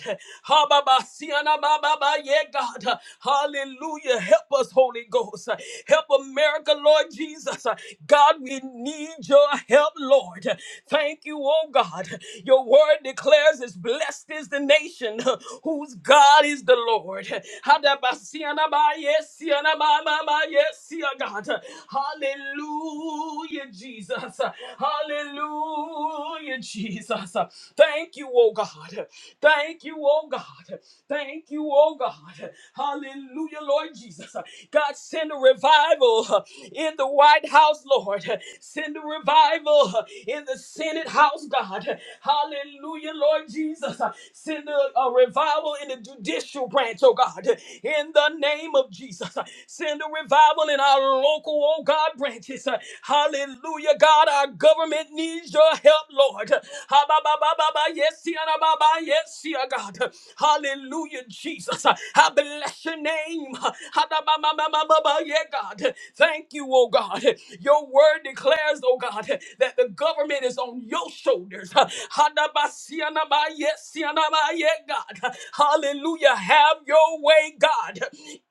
Speaker 3: Ha, ba, ba, si, ah, ba, ba, ba, Yeah, God. Hallelujah. Help us, Holy Ghost. Help America, Lord Jesus. God, we need your help, Lord. Thank you, oh God. Your word declares is blessed is the nation whose God is the Lord. Ha, da, ba, si, ana, ba, yes, si, ana, ba, ba, ba, Yes, dear God. Hallelujah, Jesus. Hallelujah, Jesus. Thank you, oh God. Thank you, oh God. Thank you, oh God. Hallelujah, Lord Jesus. God, send a revival in the White House, Lord. Send a revival in the Senate House, God. Hallelujah, Lord Jesus. Send a, a revival in the judicial branch, oh God. In in the name of Jesus. Send a revival in our local, oh God, branches. Hallelujah, God. Our government needs your help, Lord. Ha, ba, ba, ba, ba, ba, Yes, yeah, da, ba, ba, yes, yeah, God. Hallelujah, Jesus. I bless your name. Ha, da, ba, ba, ba, ba, ba, ba, Yeah, God. Thank you, oh God. Your word declares, oh God, that the government is on your shoulders. Ha, da, ba, si, ya, na, ba, Yes, yeah, na, ba, yeah, God. Hallelujah. Have your way, God,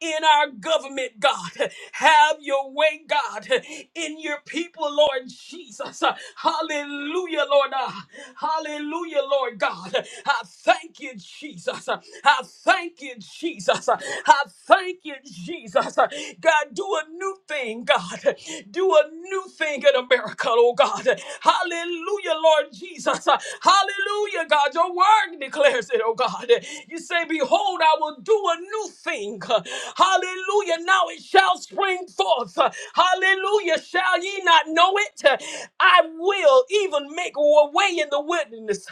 Speaker 3: in our government, God. Have your way, God, in your people, Lord Jesus. Hallelujah, Lord. Ah, Hallelujah, Lord God. I thank you, Jesus. I thank you, Jesus. I thank you, Jesus. God, do a new thing, God. Do a new thing in America, oh God. Hallelujah, Lord Jesus. Hallelujah, God. God, your word declares it, oh God. You say, Behold, I will do a new thing. Hallelujah. Now it shall spring forth. Hallelujah. Shall ye not know it? I will even make a way in the wilderness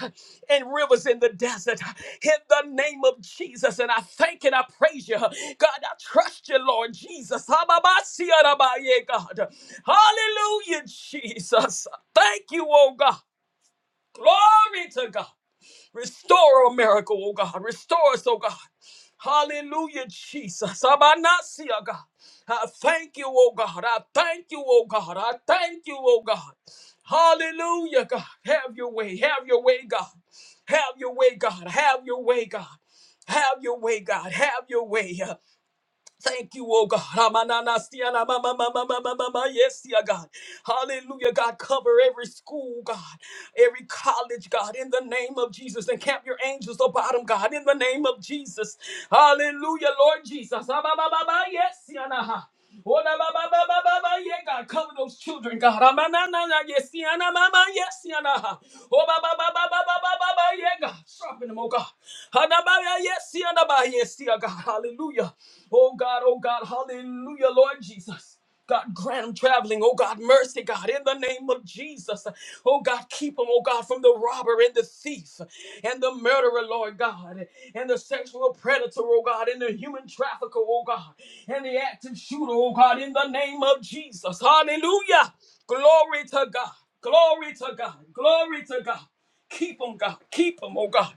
Speaker 3: and rivers in the desert. In the name of Jesus. And I thank and I praise you. God, I trust you, Lord Jesus. ha ba ba si ya God. Hallelujah, Jesus. Thank you, oh God. Glory to God. Restore a miracle, oh God. Restore us, oh God. Hallelujah, Jesus. Abanasia, God. I thank you, oh God. I thank you, oh God. I thank you, oh God. Hallelujah, God. Have your way. Have your way, God. Have your way, God. Have your way, God. Have your way, God. Have your way. Thank you, oh God. Amanana siana ma- ma- ma- ma- ma- ma- ma- ma- Yes, dear God. Hallelujah, God. Cover every school, God. Every college, God. In the name of Jesus. Encamp your angels about them, God. In the name of Jesus. Hallelujah, Lord Jesus. Ah, ma- ma- ma- ma- Yes, siana. Oh, na, ba, ba, ba, ba, ba, ba, yeah, God, cover those children, God. Ah, ma, na, na, na, yes, yeah, na, ma, ma, yes, yeah, na. Oh, ba, ba, ba, ba, ba, ba, ba, ba, ba, yeah, God. Sharpen them, oh, God. Ah, na, ba, ya, yes, yeah, na, ba, yes, yeah, God. Hallelujah. Oh, God, oh, God, hallelujah, Lord Jesus. God, grant them traveling. Oh, God, mercy, God, in the name of Jesus. Oh, God, keep them, oh, God, from the robber and the thief and the murderer, Lord God, and the sexual predator, oh, God, and the human trafficker, oh, God, and the active shooter, oh, God, in the name of Jesus. Hallelujah. Glory to God. Glory to God. Glory to God. Keep them, God. Keep them, oh, God.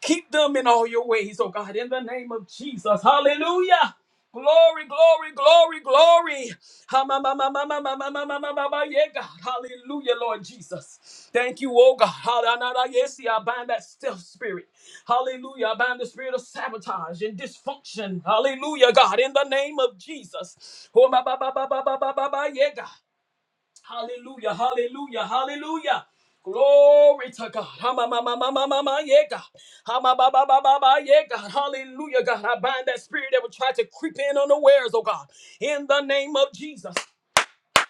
Speaker 3: Keep them in all your ways, oh, God, in the name of Jesus. Hallelujah. Glory, glory, glory, glory. Ha, ma, ma, ma, ma, ma, ma, ma, ma, ma, ma, ma, ma, Yeah, God. Hallelujah, Lord Jesus. Thank you, oh God. Ha, da, na, da, Yes, see, I bind that stealth spirit. Hallelujah. I bind the spirit of sabotage and dysfunction. Hallelujah, God. In the name of Jesus. Oh, ma, ba, ba, ba, ba, ba, ba, ba, ba, Yeah, God. Hallelujah, hallelujah, hallelujah. Glory to God. Ha, ma, ma, ma, ma, ma, ma, ma, yeah, God. Ha, ma, ba, ba, ba, ba, ba, yeah, God. Hallelujah, God. I bind that spirit that would try to creep in unawares, oh God. In the name of Jesus.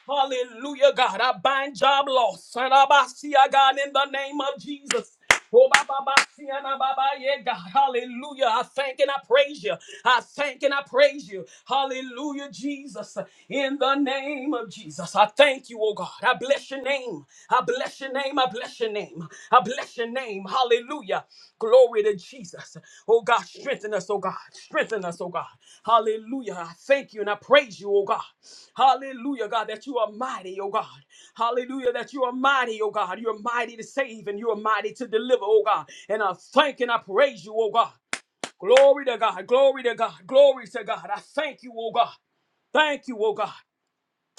Speaker 3: Hallelujah, God. I bind job loss. Sarabasia, God, in the name of Jesus. Oh, ba, ba, ba, sia, na, ba, ba, yeah, God. Hallelujah. I thank and I praise you. I thank and I praise you. Hallelujah, Jesus. In the name of Jesus. I thank you, oh God. I bless your name. I bless your name. I bless your name name. I bless your name. Hallelujah. Glory to Jesus. Oh God, strengthen us, oh God. Strengthen us, oh God. Hallelujah. I thank you and I praise you, oh God. Hallelujah, God, that you are mighty, oh God. Hallelujah, that you are mighty, oh God. You're mighty to save and you're mighty to deliver, oh God. And I thank and I praise you, oh God. Glory to God. Glory to God. Glory to God. I thank you, oh God. Thank you, oh God.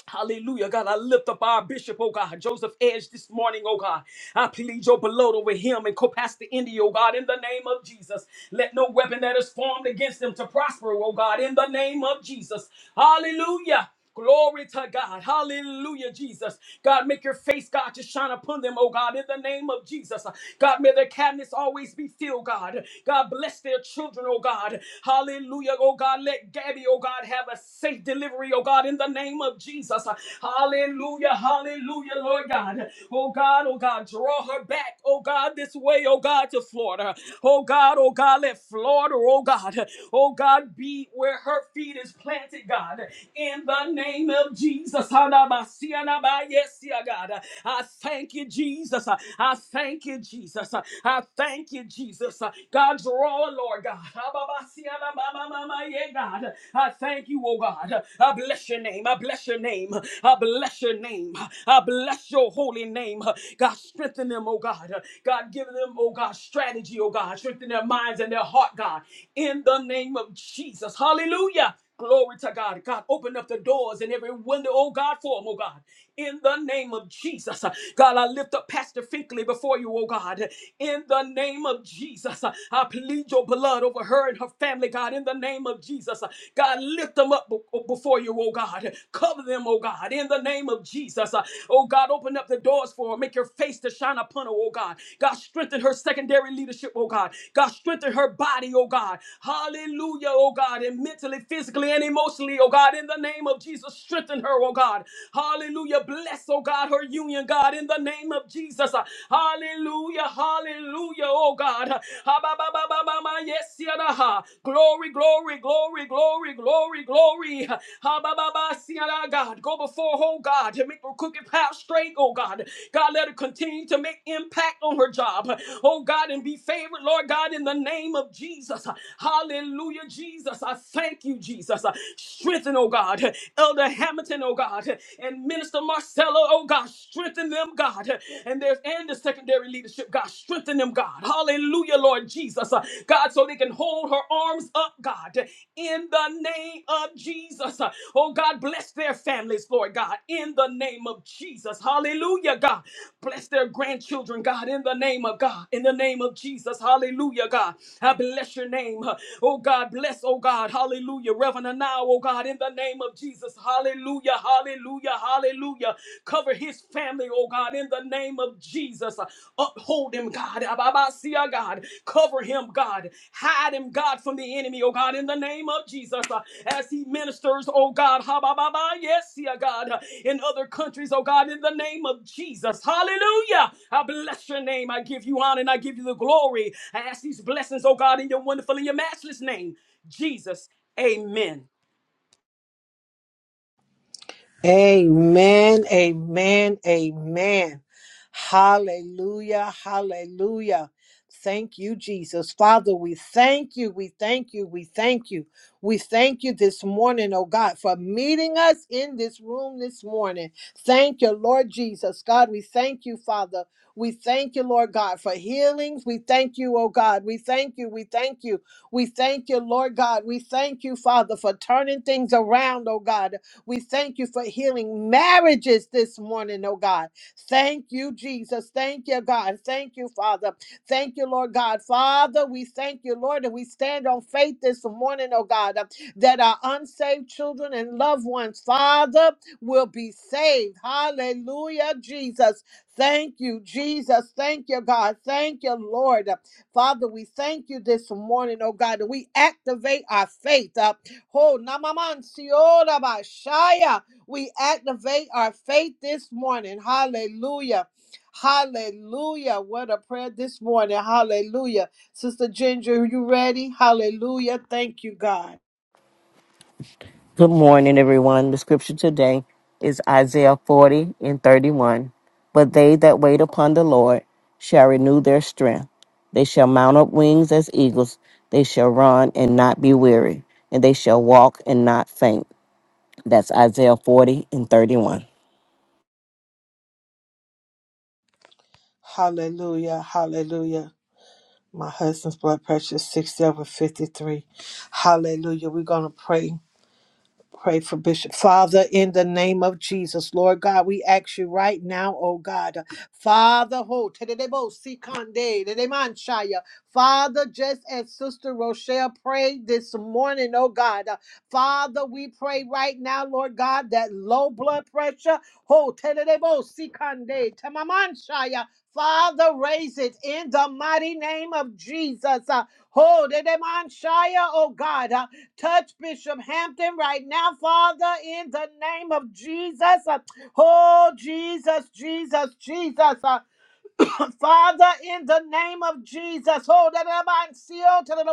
Speaker 3: Hallelujah, God. I lift up our bishop, oh God, Joseph Edge this morning, oh God. I plead your blood over him and co-pastor Indy, oh God, in the name of Jesus. Let no weapon that is formed against them to prosper, oh God, in the name of Jesus. Hallelujah. Glory to God. Hallelujah, Jesus. God, make your face, God, to shine upon them, oh God, in the name of Jesus. God, may their cabinets always be filled, God. God, bless their children, oh God. Hallelujah, oh God. Let Gabby, oh God. God, have a safe delivery, oh God, in the name of Jesus. Hallelujah, hallelujah, Lord God. Oh God, oh God, draw her back, oh God, this way, oh God, to Florida. Oh God, oh God, let Florida, oh God, oh God, be where her feet is planted, God. In the name of Jesus. God. I thank you, Jesus. I thank you, Jesus. I thank you, Jesus. God, draw, Lord God. Yeah, God. I thank you, oh God. I bless your name. I bless your name. I bless your name. I bless your holy name. God, strengthen them, oh God. God, give them, oh God, strategy, oh God. Strengthen their minds and their heart, God. In the name of Jesus. Hallelujah. Glory to God. God, open up the doors and every window, oh God, for them, oh God in the name of Jesus. uh, God, I lift up Pastor Finkley before you, oh God, in the name of Jesus. uh, I plead your blood over her and her family, God, in the name of Jesus. uh, God, lift them up be- before you, oh God. Cover them, oh God, in the name of Jesus. uh, Oh God, open up the doors for her. Make your face to shine upon her, oh God. God, strengthen her secondary leadership, oh God. God, strengthen her body, oh God. Hallelujah, oh God, and mentally, physically, and emotionally, oh God, in the name of Jesus. Strengthen her, her, oh God. Hallelujah. Bless, oh God, her union, God, in the name of Jesus. Hallelujah. Hallelujah, oh God. Ha, ba, ba, ba, ba, ba, ma, Yes, yada, ha. Glory, glory, glory, glory, glory, glory. Ha, ba, ba, ba, si, yada, God, go before, oh God, to make her crooked path straight, oh God. God, let her continue to make impact on her job, oh God, and be favored, Lord God, in the name of Jesus. Hallelujah, Jesus. I thank you, Jesus. Strengthen, oh God. God. Elder Hamilton, oh God, and Minister Marcelo, oh God, strengthen them, God. And there's and the secondary leadership, God, strengthen them, God. Hallelujah, Lord Jesus. Uh, God, so they can hold her arms up, God, in the name of Jesus. Uh, Oh God, bless their families, Lord God, in the name of Jesus. Hallelujah, God. Bless their grandchildren, God, in the name of God, in the name of Jesus. Hallelujah, God. I bless your name. Uh, Oh God, bless, oh God, hallelujah. Reverend now, oh God, in the name of Jesus. Hallelujah, hallelujah, hallelujah. Cover his family, oh God, in the name of Jesus. Uphold him, God. Ababasia, God. Cover him, God. Hide him, God, from the enemy, oh God, in the name of Jesus. Uh, As he ministers, oh God, Habababa, yes, yeah, God, uh, in other countries, oh God, in the name of Jesus. Hallelujah. I bless your name. I give you honor and I give you the glory. I ask these blessings, oh God, in your wonderful and your matchless name. Jesus. Amen.
Speaker 4: Amen, amen, amen. Hallelujah, hallelujah. Thank you, Jesus. Father, we thank you, we thank you, we thank you. We thank you this morning, oh God, for meeting us in this room this morning. Thank you, Lord Jesus. God, we thank you, Father. We thank you, Lord God, for healings. We thank you, oh God. We thank you, we thank you. We thank you, Lord God. We thank you, Father, for turning things around, oh God. We thank you for healing marriages this morning, oh God. Thank you, Jesus. Thank you, God. Thank you, Father. Thank you, Lord God. Father, we thank you, Lord, and we stand on faith this morning, oh God, uh, that our unsaved children and loved ones, Father, will be saved. Hallelujah, Jesus. Thank you, Jesus. Thank you, God. Thank you, Lord. Father, we thank you this morning, oh God, that we activate our faith. Uh, Ho namaman siora bashaya. We activate our faith this morning. Hallelujah. Hallelujah. What a prayer this morning. Hallelujah. Sister Ginger, you ready? Hallelujah. Thank you, God.
Speaker 5: Good morning, everyone. The scripture today is Isaiah 40 and 31. But they that wait upon the Lord shall renew their strength. They shall mount up wings as eagles. They shall run and not be weary, and they shall walk and not faint. That's Isaiah 40 and 31.
Speaker 4: Hallelujah. Hallelujah. My husband's blood pressure is 60 over 53. Hallelujah. We're going to pray. Pray for Bishop. Father, in the name of Jesus, Lord God, we ask you right now, oh God, Father, ho, tedebo sikande, dedemanshaya. Father, just as Sister Rochelle prayed this morning, oh God, uh, Father, we pray right now, Lord God, that low blood pressure, ho, tedebo sikande, tamamanshaya. Father, raise it in the mighty name of Jesus. Uh, ho, dedemanshaya, oh God. uh, Touch Bishop Hampton right now, Father, in the name of Jesus. Uh, Oh, Jesus, Jesus, Jesus. Uh, Father, in the name of Jesus, oh, da- da- da- ba- see, oh, ta- da-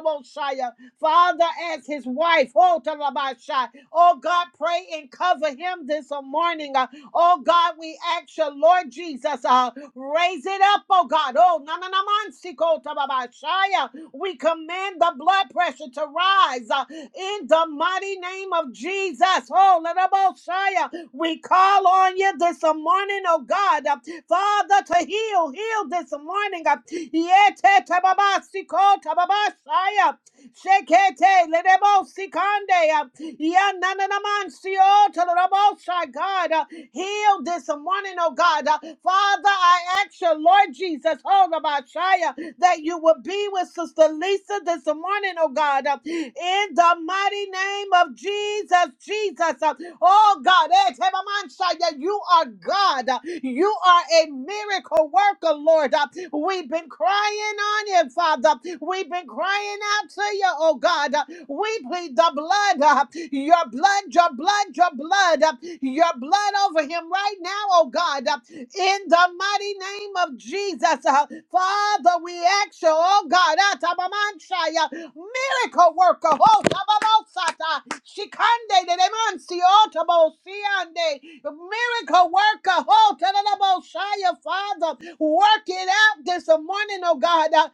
Speaker 4: uh, Father, as his wife, oh, ta- da- da- ba- shy. oh God, pray and cover him this morning. uh, Oh God, we ask you, Lord Jesus, uh, raise it up, oh God. Oh, na na na man, see, oh, ta- ba- ba- shy, uh, we command the blood pressure to rise uh, in the mighty name of Jesus. Oh, little Mosiah, we call on you this morning, oh God. uh, Father, to heal, heal this morning. uh, Yete tababa siko tababa shaya. Shekete ledebo sikande. uh, Yanananaman sio to the rabosha, God. Uh, Heal this morning, oh God. Uh, Father, I ask you, Lord Jesus, hold about Shia, that you will be with Sister Lisa this morning, oh God. Uh, In the mighty name of Jesus, Jesus. Uh, Oh God, eh, Tebaman Shia, you are God. Uh, You are a miracle worker, Lord. Uh, We've been crying on you, Father. We've been crying out to you, oh God. Uh, we plead the blood, uh, your blood, your blood, your blood, uh, your blood over him right now, oh God, uh, in the mighty name of Jesus. uh, Father, we ask you, oh God, uh, Tabamanshaya, miracle worker, oh Tabamosata, Shikande de Demansi, oh Tabosiande, miracle worker, oh Tadabosaya, Father, work it out this morning, oh God, uh,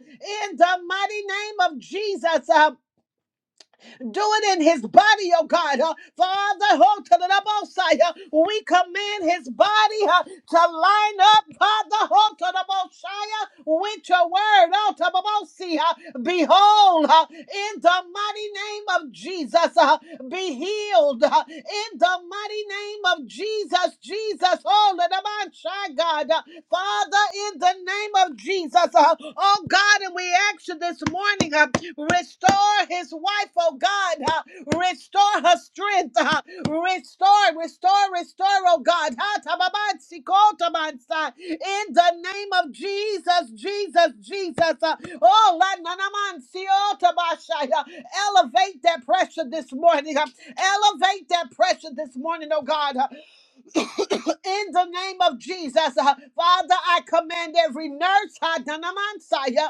Speaker 4: in the mighty name of Jesus. uh, do it in his body, oh God. Uh, Father, hold to the double side. Uh, we command his body uh, to line up, Father, hold to the Mosiah with your word. Oh, to the Mosiah. Behold, uh, in the mighty name of Jesus, uh, be healed uh, in the mighty name of Jesus. Jesus, oh, let the man shy, God. Uh, Father, in the name of Jesus, uh, oh God, and we ask you this morning. huh, Restore his wife, oh God. uh, Restore her strength. uh, Restore, restore, restore, oh God. Ha, tababansi, ko, tabansa. In the name of Jesus, Jesus, Jesus. uh, Oh, la, na, na, man, si, oh, tabasha, uh, elevate that pressure this morning. uh, Elevate that pressure this morning, oh God. uh, In the name of Jesus, uh, Father, I command every nurse, ha, na, na, man, sa, yeah,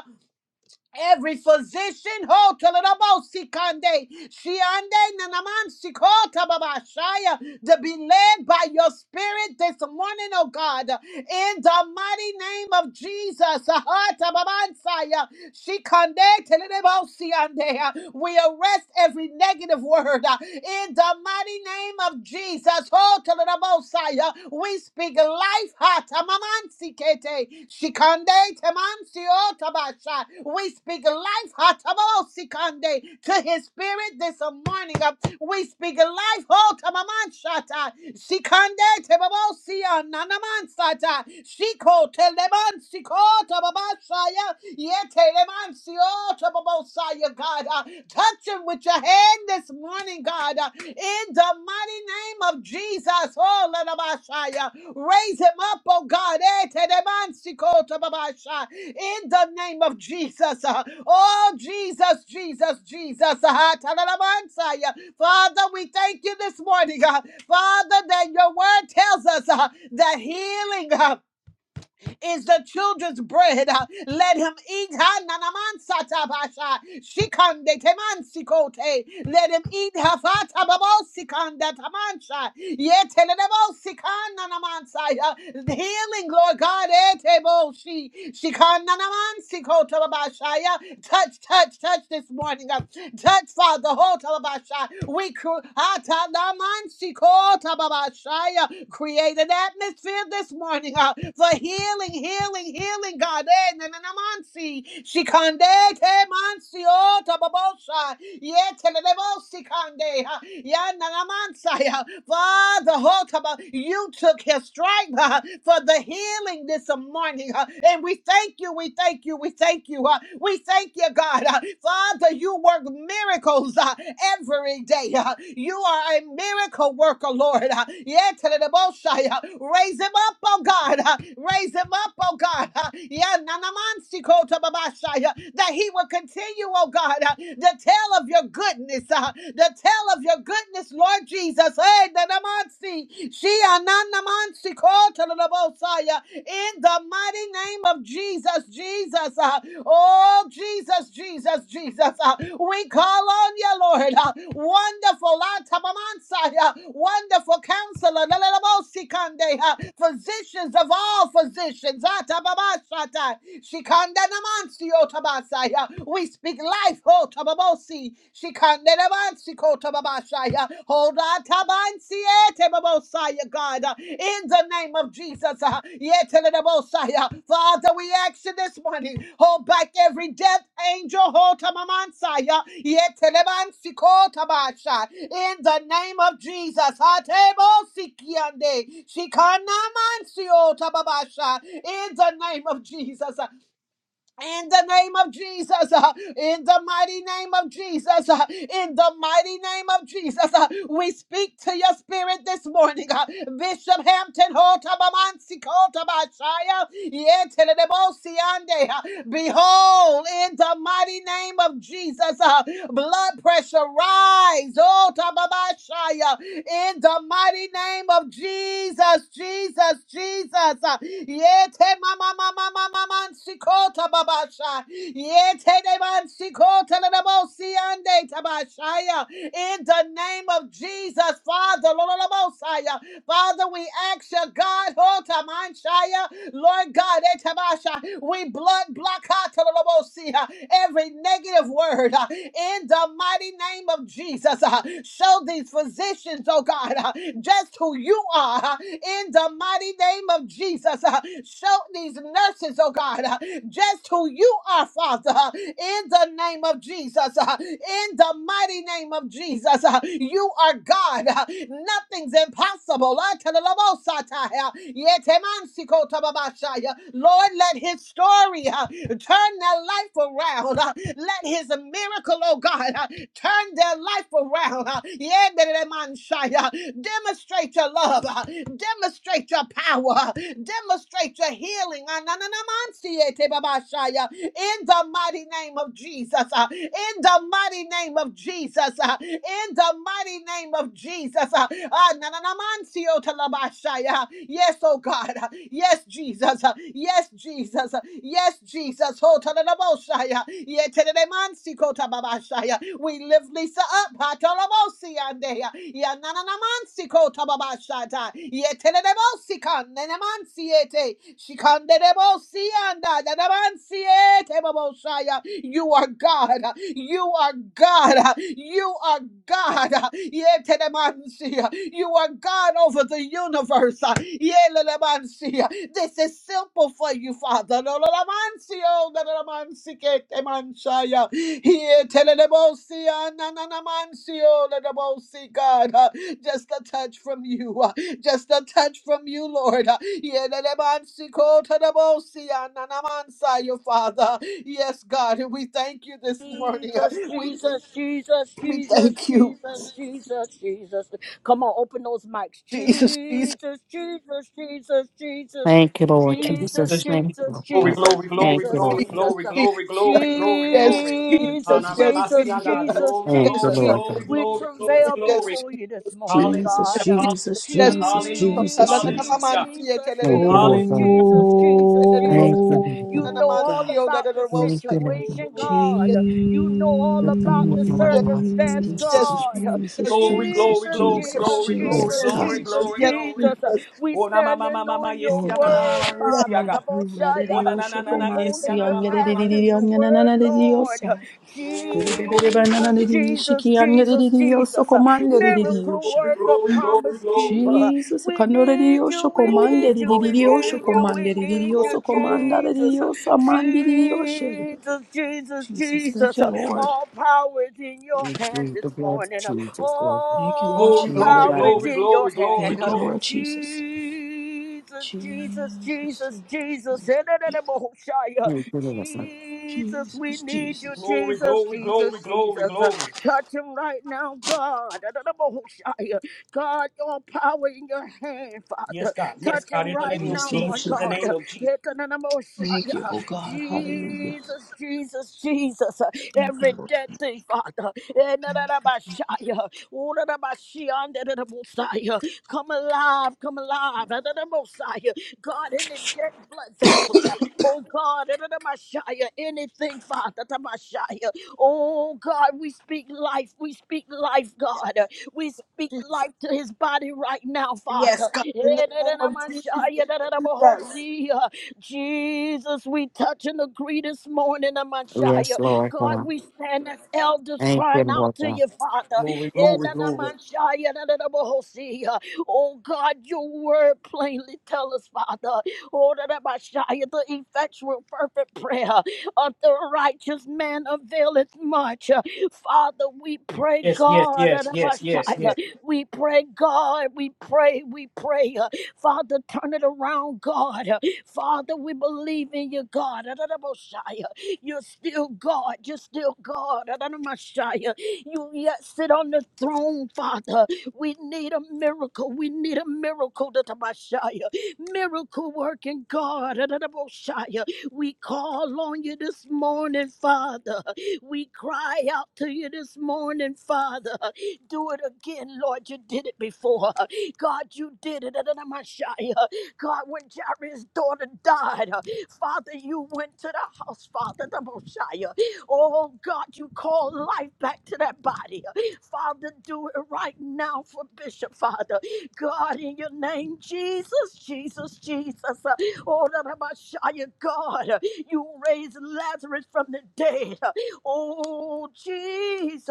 Speaker 4: Every physician, ho, tolerabosikande, shiande, nanamansiko, tababashaya, to be led by your spirit this morning, oh God, in the mighty name of Jesus. aha, tababansaya. She conde- telebosiande. We arrest every negative word uh, in the mighty name of Jesus. Oh, telebosaya. We speak life. ha, tamamansikete. Shikande temansio tabasha. We speak life. ha, tamosikande, To his spirit this morning. uh, We speak life. Oh, tamamanshata. Shikande tebabosiana namansata. Shiko telemansiko Tababasaya. Yetelemancio Tababosaya, God. Uh, Touch him with your hand this morning, God. Uh, In the mighty name of Jesus. Oh, Lalabashaya. Raise him up, oh God. Etelemancio Tababasha. In the name of Jesus. Uh, Oh, Jesus, Jesus, Jesus. Ah, Talalabansaya. Father, we thank you this morning. God, Father, that your word tells us uh, that healing. uh, is the children's bread. Uh, Let him eat. Ha, na, na, man, sa, ta, ba, sha. Shikande, te, man, si, ko, te. Let him eat. Ha, fa, ta, ba, bo, si, kan, da, man, sha. Ye, te, le, le, bo, si, na, man, sa, ya. The Healing, Lord God. eh, te, bo, shi. Shikan, na, na, man, si, ko, ba, ba, sha, ya. Touch, touch, touch this morning. uh, Touch, Father. Ho, ta, ba, ba, sha. We cry. Create an atmosphere this morning uh, for healing, healing, healing, God. Eh, na, na, na, mansi. Shikande te mansi o tababosha. Ye telelebosi kande. uh, Ya na, na, mansa, uh, Father, ho, taba- you took his stripe uh, for the healing this morning. uh, And we thank you, we thank you, we thank you. uh, We thank you, God. Uh, Father, you work miracles uh, every day. Uh, You are a miracle worker, Lord. Uh, yeah, tell it about shy, uh, Raise him up, oh God. Uh, Raise him up, oh God. Uh, yeah, nanamansi na- man, si uh, That he will continue, oh God, uh, to tell of your goodness. uh, To tell of your goodness, Lord Jesus. Hey, na- na- man, si. She, uh, na- na- si in the mighty name of Jesus, Jesus. uh, Oh, Jesus, Jesus, Jesus. uh, We call on you, Lord. uh, Wonderful, uh, Tabamansai, uh, wonderful counselor, Lalalabosikande, uh, physicians of all physicians. uh, Tababashatai, Shikanda Namansio Tabasai, uh, We speak life, oh, Tababosi, Shikanda Tababashaya. Hold on, Tabansiete Babosaya, God, uh, in the name of Jesus. uh, Yetelebosaya. Father, we ask you this morning, hold back every death angel, hold Tamamansaya, Yetelebansikota in the name of Jesus. Hatebosikiande, Shikanamansiota Babasha, in the name of Jesus in the name of Jesus, uh, in the mighty name of Jesus, uh, in the mighty name of Jesus, uh, we speak to your spirit this morning. uh, Bishop Hampton, Hotabamansi, Kotabashaya, Yetelebosiande, uh, behold, in the mighty name of Jesus, uh, blood pressure rise, Otababashaya, in the mighty name of Jesus, Jesus, Jesus. Uh, Yete mama mama mama man sikota babasha. Yete de man sikota le debo siande tabashaya. In the name of Jesus, Father, Lord, Lord, Messiah. Father, we ask you, God, Hota Manshaya, Lord God, Etabasha, we blood block Katalabosi, uh, every negative word uh, in the mighty name of Jesus. uh, Show these physicians, oh God, uh, just who you are uh, in the mighty name of Jesus. uh, Show these nurses, oh God, uh, just who you are, Father, uh, in the name of Jesus. uh, In the mighty name of Jesus, uh, you are God. uh, nothing's impossible. Ah, Lord, let his story uh, turn their life around. uh, Let his miracle, oh God, uh, turn their life around. uh, Demonstrate your love. uh, Demonstrate your power. uh, Demonstrate your healing. Ah, in the mighty name of Jesus, uh, in the mighty name of Jesus, uh, in the mighty name of Jesus. uh, ah, na, na, na, man, si, oh, talabashai, uh, Yes, oh God. uh, Yes, Jesus. uh, Yes, Jesus. uh, Yes, Jesus. Oh, talabashai, uh, ye, telele, man, si, ko, tababashai, uh, We lift Lisa up. ha, talabosi, and, eh, uh, ya, na, na, na, man, si, ko, tababashai, uh, ye, telele, bosi, kan, na, na, man, si, ete. Shikanderebosia, dadabansie, tebobosaya. You are God. You are God. You are God. Yetedemansia. You are God over the universe. Yelelemansia. This is simple for you, Father. Lololamansio, dadadamansiketemansaya. Yetelelebosia, nananamansio, lelebosi. God. Just a touch from you. Just a touch from you, Lord. Yeah, that I'm on sick, oh, to the bone, see, and I'm on side, your Father. Yes, Lord.
Speaker 2: Jesus, Jesus, Jesus, Jesus, Jesus, Jesus, Jesus. Come on, open those mics. Jesus, Jesus, Jesus, Jesus.
Speaker 5: Thank you, Lord
Speaker 3: Jesus,
Speaker 2: Jesus,
Speaker 5: Jesus.
Speaker 3: Jesus.
Speaker 5: Thank you,
Speaker 2: Jesus,
Speaker 5: Lord
Speaker 3: Glory,
Speaker 5: God.
Speaker 2: Jesus,
Speaker 3: glory,
Speaker 5: Thank
Speaker 3: glory,
Speaker 5: you,
Speaker 2: Jesus,
Speaker 5: Lord
Speaker 3: glory,
Speaker 5: God.
Speaker 3: glory,
Speaker 2: Jesus, Uh,
Speaker 3: glory, glory, glory, glory.
Speaker 2: Jesus, Jesus,
Speaker 3: Hanamamasia, God.
Speaker 2: Jesus,
Speaker 3: Glory,
Speaker 5: Thank you,
Speaker 3: glory,
Speaker 2: Jesus. Uh,
Speaker 5: Lord
Speaker 3: glory,
Speaker 5: God.
Speaker 2: We
Speaker 3: glory, glory,
Speaker 2: travail
Speaker 3: glory.
Speaker 2: before you this morning,
Speaker 3: Hallelujah,
Speaker 6: Jesus,
Speaker 2: God. Uh,
Speaker 3: hallelujah,
Speaker 6: Jesus, Jesus,
Speaker 3: hallelujah,
Speaker 6: Jesus, Jesus.
Speaker 3: hallelujah,
Speaker 2: Jesus,
Speaker 5: Thank you, Lord
Speaker 3: hallelujah.
Speaker 2: Jesus,
Speaker 5: God.
Speaker 2: Jesus, Jesus,
Speaker 5: Thank
Speaker 2: Jesus.
Speaker 5: you,
Speaker 2: Uh,
Speaker 5: Lord
Speaker 2: You
Speaker 5: God.
Speaker 6: Oh
Speaker 2: know all
Speaker 6: God.
Speaker 2: about the
Speaker 5: Thank you, Lord God.
Speaker 2: situation,
Speaker 3: Glory,
Speaker 2: God. You know all
Speaker 5: Good
Speaker 2: about
Speaker 5: thing
Speaker 2: the
Speaker 5: Lord God.
Speaker 2: circumstance,
Speaker 6: Jesus,
Speaker 2: God.
Speaker 6: Jesus, Jesus,
Speaker 3: glory, glory, glory,
Speaker 2: Jesus,
Speaker 6: Jesus,
Speaker 2: Jesus,
Speaker 3: glory,
Speaker 4: Jesus,
Speaker 3: glory,
Speaker 2: Jesus,
Speaker 5: Yes,
Speaker 6: Jesus,
Speaker 4: yes,
Speaker 5: God.
Speaker 3: glory,
Speaker 6: Jesus,
Speaker 4: Jesus,
Speaker 2: Jesus,
Speaker 3: glory,
Speaker 6: Jesus.
Speaker 4: yes,
Speaker 3: glory.
Speaker 2: Jesus.
Speaker 4: Jesus,
Speaker 2: We
Speaker 3: Oh, na ma ma ma
Speaker 2: standing
Speaker 3: ma ma
Speaker 2: on
Speaker 3: yes,
Speaker 2: your
Speaker 6: Oh
Speaker 3: ya na na
Speaker 6: God.
Speaker 3: ma
Speaker 2: word,
Speaker 3: ma yes,
Speaker 4: yes,
Speaker 2: Father.
Speaker 3: ya ga. Oh,
Speaker 2: Taboshaya.
Speaker 3: na na na na
Speaker 2: We
Speaker 3: na yes, ya
Speaker 2: holding
Speaker 3: na
Speaker 2: you
Speaker 3: ma ma ma ma
Speaker 2: fast to
Speaker 3: yes.
Speaker 2: your word, Lord.
Speaker 3: Glory, glory,
Speaker 2: Jesus, Jesus, Jesus, Jesus.
Speaker 3: glory, glory,
Speaker 2: Miracle
Speaker 3: glory,
Speaker 6: Shiki
Speaker 2: worker,
Speaker 3: glory, glory,
Speaker 2: promise
Speaker 3: glory,
Speaker 2: keeper.
Speaker 6: Jesus,
Speaker 2: We
Speaker 6: canore di
Speaker 2: need
Speaker 6: Dio,
Speaker 2: you, we
Speaker 6: comande
Speaker 2: need
Speaker 6: di
Speaker 2: you, we
Speaker 3: glory, glory,
Speaker 6: Dio,
Speaker 3: glory,
Speaker 2: need you,
Speaker 3: glory,
Speaker 2: we
Speaker 6: comande di
Speaker 2: need
Speaker 6: Dio,
Speaker 2: you,
Speaker 3: glory,
Speaker 6: comanda di
Speaker 2: Jesus.
Speaker 6: Dio, amandi di Dio.
Speaker 2: Jesus, Jesus,
Speaker 6: Jesus, thank
Speaker 2: Jesus,
Speaker 6: you,
Speaker 2: uh,
Speaker 6: Lord.
Speaker 2: all power is in your
Speaker 5: We
Speaker 2: hand
Speaker 5: plead the
Speaker 2: this
Speaker 5: blood of
Speaker 2: morning. uh,
Speaker 5: Jesus, Lord.
Speaker 6: Thank you, Lord
Speaker 2: All
Speaker 3: glory,
Speaker 5: Turn it
Speaker 6: Jesus.
Speaker 3: glory, glory, glory,
Speaker 2: power is
Speaker 5: around.
Speaker 3: glory,
Speaker 2: in your hand.
Speaker 6: Thank
Speaker 2: uh,
Speaker 6: you, Lord Jesus.
Speaker 2: Jesus, Jesus,
Speaker 6: Jesus,
Speaker 2: Jesus, Jesus.
Speaker 6: Jesus,
Speaker 2: eh, da, da, da,
Speaker 6: Jesus,
Speaker 2: bo- shai, uh,
Speaker 5: Thank you, Lord.
Speaker 2: Jesus, we
Speaker 6: Jesus.
Speaker 2: need you,
Speaker 6: Jesus.
Speaker 2: Jesus,
Speaker 3: glory, glory,
Speaker 2: Jesus,
Speaker 3: glory.
Speaker 2: Jesus. uh,
Speaker 3: glory.
Speaker 2: Touch him right now, God. Da, da, da, bo- shai, uh, God, your power in your hand, Father.
Speaker 3: Yes, God. Yes,
Speaker 2: Touch
Speaker 3: God.
Speaker 2: him
Speaker 3: In the
Speaker 2: right
Speaker 3: name of
Speaker 6: Yes,
Speaker 2: now,
Speaker 6: Lord
Speaker 3: Jesus.
Speaker 2: Lord
Speaker 3: In the
Speaker 6: Jesus.
Speaker 2: God.
Speaker 3: name
Speaker 2: uh,
Speaker 3: of Jesus.
Speaker 2: yeah, da, da, da, bo-
Speaker 6: Thank
Speaker 2: shai, uh,
Speaker 6: you, oh God. Hallelujah.
Speaker 2: Jesus, Jesus, Jesus. Every dead thing, Father. Eh, na, na, na, ba, shia. Oh, Enarabashaya. Orarabashianderabosaya. Come alive, come alive. Adarabosaya. God, any dead blood vessel. Oh God, adarabashaya. anything, Father. adarabashaya. Oh God, we speak life. We speak life, God. We speak
Speaker 4: Jesus,
Speaker 2: life to his body right now,
Speaker 4: yes,
Speaker 2: Father.
Speaker 4: God, in the
Speaker 2: Eh, da,
Speaker 4: name
Speaker 2: da, da,
Speaker 4: of
Speaker 2: ma, sha,
Speaker 4: Jesus,
Speaker 2: ya, da, da, ba, ho,
Speaker 4: Jesus.
Speaker 2: Jesus, we touch and agree this morning, Amashia.
Speaker 5: Yes, Lord
Speaker 2: God,
Speaker 5: God.
Speaker 2: we stand as elders
Speaker 5: Thank you,
Speaker 2: crying
Speaker 5: Lord
Speaker 2: out to
Speaker 5: God.
Speaker 2: you, Father.
Speaker 3: Glory, glory, glory.
Speaker 2: Edanamashaya, dadadabohosia. Oh God, your word plainly tell us, Father. Oh, dadabashaya, the effectual perfect prayer of the righteous man availeth much. Father, we pray,
Speaker 3: Yes, yes,
Speaker 2: God,
Speaker 3: yes, yes, yes, yes,
Speaker 2: dadabashaya. we pray, God, we pray, we pray. Father, turn it around, God. Father, we believe in you, God. Adonai Messiah. You're still God. You're still God. Adonai Messiah. You yet sit on the throne, Father. We need a miracle. We need a miracle, Adonai Messiah. Miracle working God. Adonai Messiah. We call on you this morning, Father. We cry out to you this morning, Father. Do it again, Lord. You did it before. God, you did it. Adonai Messiah. God, when Jairus' daughter died, uh, Father, you went to the house, Father, the Messiah. Oh, God, you called life back to that body. Father, do it right now for Bishop, Father. God, in your name, Jesus, Jesus, Jesus. Uh, Oh, the Messiah, God, uh, you raised Lazarus from the dead. Uh, Oh, Jesus.